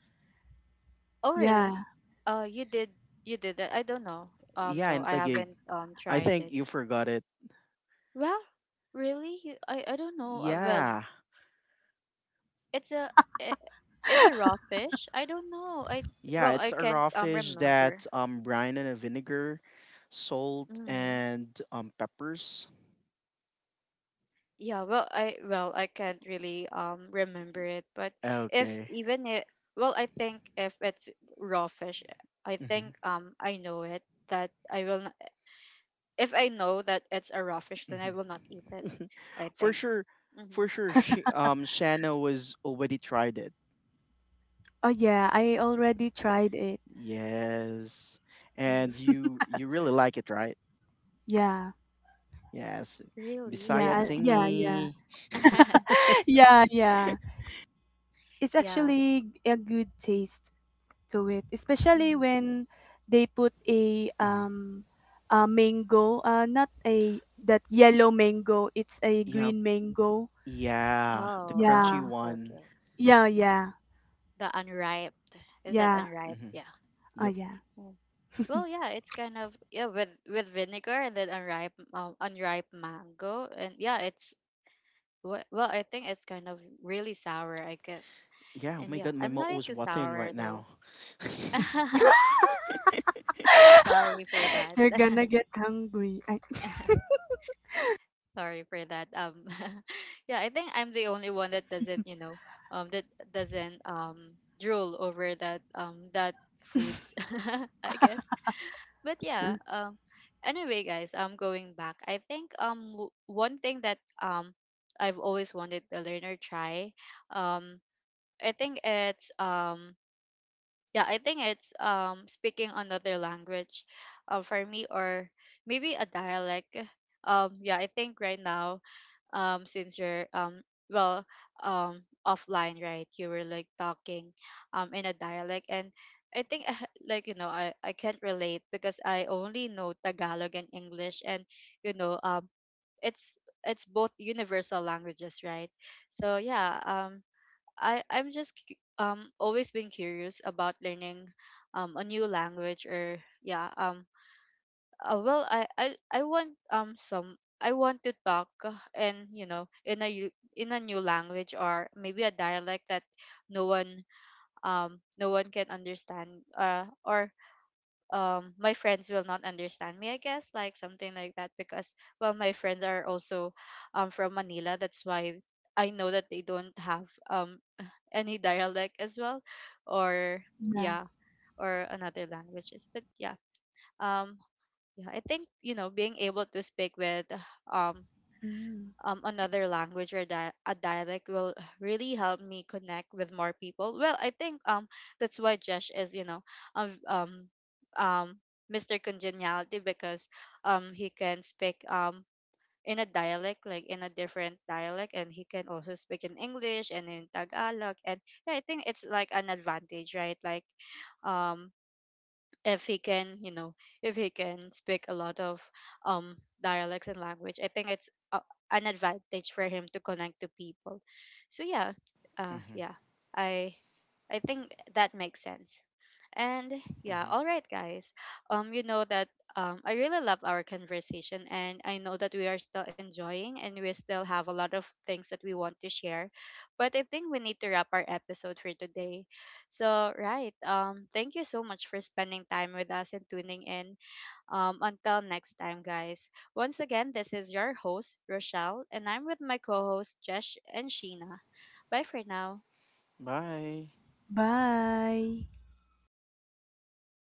[SPEAKER 1] Oh, really?
[SPEAKER 3] Yeah.
[SPEAKER 1] You did, you did that? I don't know.
[SPEAKER 2] Yeah,
[SPEAKER 1] No,
[SPEAKER 2] in
[SPEAKER 1] I
[SPEAKER 2] Taguig.
[SPEAKER 1] haven't
[SPEAKER 2] I
[SPEAKER 1] tried
[SPEAKER 2] think
[SPEAKER 1] it.
[SPEAKER 2] you forgot it.
[SPEAKER 1] Well, really? I don't know. Well,
[SPEAKER 2] Yeah.
[SPEAKER 1] it's a i- it's a raw fish. I don't know. I
[SPEAKER 2] Yeah,
[SPEAKER 1] well,
[SPEAKER 2] it's
[SPEAKER 1] I
[SPEAKER 2] a
[SPEAKER 1] can't
[SPEAKER 2] raw fish
[SPEAKER 1] remember.
[SPEAKER 2] that brine and a vinegar, salt
[SPEAKER 1] Mm-hmm.
[SPEAKER 2] and peppers.
[SPEAKER 1] Yeah, well, I can't really remember it, but if
[SPEAKER 2] Okay.
[SPEAKER 1] even it, well, I think if it's raw fish, I
[SPEAKER 2] Hmm.
[SPEAKER 1] think I know it that I will not, if I know that it's a raw fish, then
[SPEAKER 2] Hmm.
[SPEAKER 1] I will not eat it. I
[SPEAKER 2] For
[SPEAKER 1] think.
[SPEAKER 2] sure, for
[SPEAKER 1] Mhm.
[SPEAKER 2] sure. Shanna was already tried it.
[SPEAKER 3] Oh yeah, I already tried it.
[SPEAKER 2] Yes, and
[SPEAKER 1] Mhm.
[SPEAKER 2] you really like it, right?
[SPEAKER 3] Yeah.
[SPEAKER 2] Yes,
[SPEAKER 1] Really?
[SPEAKER 2] Bisaya
[SPEAKER 1] Yeah. I,
[SPEAKER 3] Yeah, yeah.
[SPEAKER 2] tingy.
[SPEAKER 3] Yeah, yeah. It's
[SPEAKER 1] yeah.
[SPEAKER 3] actually a good taste to it, especially
[SPEAKER 1] Mhm.
[SPEAKER 3] when they put
[SPEAKER 2] Mhm.
[SPEAKER 3] a mango, not a that yellow mango, it's a
[SPEAKER 2] Yep.
[SPEAKER 3] green mango.
[SPEAKER 1] Oh,
[SPEAKER 2] Yeah, the crunchy
[SPEAKER 1] oh,
[SPEAKER 3] Yeah.
[SPEAKER 2] one.
[SPEAKER 1] okay.
[SPEAKER 3] Yeah, yeah.
[SPEAKER 1] The unripe. Is that
[SPEAKER 3] Yeah.
[SPEAKER 1] unripe?
[SPEAKER 2] Hmm.
[SPEAKER 1] Yeah.
[SPEAKER 3] Oh
[SPEAKER 2] Yep.
[SPEAKER 3] yeah.
[SPEAKER 1] Well, yeah, it's kind of yeah with vinegar and then unripe unripe mango and yeah, I think it's kind of really sour, I guess.
[SPEAKER 2] Yeah. Oh
[SPEAKER 1] And
[SPEAKER 2] my
[SPEAKER 1] yeah,
[SPEAKER 2] God, my
[SPEAKER 1] I'm
[SPEAKER 2] mouth
[SPEAKER 1] not
[SPEAKER 2] was
[SPEAKER 1] into
[SPEAKER 2] watering
[SPEAKER 1] sour
[SPEAKER 2] right
[SPEAKER 1] though.
[SPEAKER 2] now.
[SPEAKER 1] Sorry for that.
[SPEAKER 3] You're gonna get hungry. I
[SPEAKER 1] Sorry for that. Yeah, I think I'm the only one that um, that doesn't drool over that foods, I guess. But anyway, guys, going back, I think one thing that I've always wanted to learn or try, um i think it's um yeah I think it's speaking another language, for me, or maybe a dialect. Yeah I think right now, since you're well offline, right, you were like talking in a dialect, and I think like, you know, I can't relate because I only know Tagalog and English, and, you know, it's it's both universal languages, right? So yeah, I I'm just cu- always been curious about learning a new language. Or I want some I want to talk, and, you know, in a in a new language or maybe a dialect that no one, no one can understand, or my friends will not understand me, I guess, like something like that. Because well, my friends are also from Manila, that's why I know that they don't have any dialect as well, or
[SPEAKER 3] yeah.
[SPEAKER 1] yeah, or another languages. But um yeah, I think, you know, being able to speak with um
[SPEAKER 3] Mm.
[SPEAKER 1] another language or a dialect will really help me connect with more people. Well, I think that's why Josh is, you know, um v- um um Mr. Congeniality, because he can speak in a dialect, like in a different dialect, and he can also speak in English and in Tagalog. And yeah, I think it's like an advantage, right? Like, um if he can, you know, if he can speak a lot of um dialects and language, I think it's an advantage for him to connect to people. So yeah,
[SPEAKER 2] Mhm.
[SPEAKER 1] yeah I I think that makes sense. And yeah,
[SPEAKER 2] Mhm.
[SPEAKER 1] all right, guys, you know that I really love our conversation, and I know that we are still enjoying and we still have a lot of things that we want to share, but I think we need to wrap our episode for today. So, right. Thank you so much for spending time with us and tuning in. Until next time, guys. Once again, this is your host, Rochelle, and I'm with my co host, Jesh and Sheena. Bye for now.
[SPEAKER 2] Bye.
[SPEAKER 3] Bye.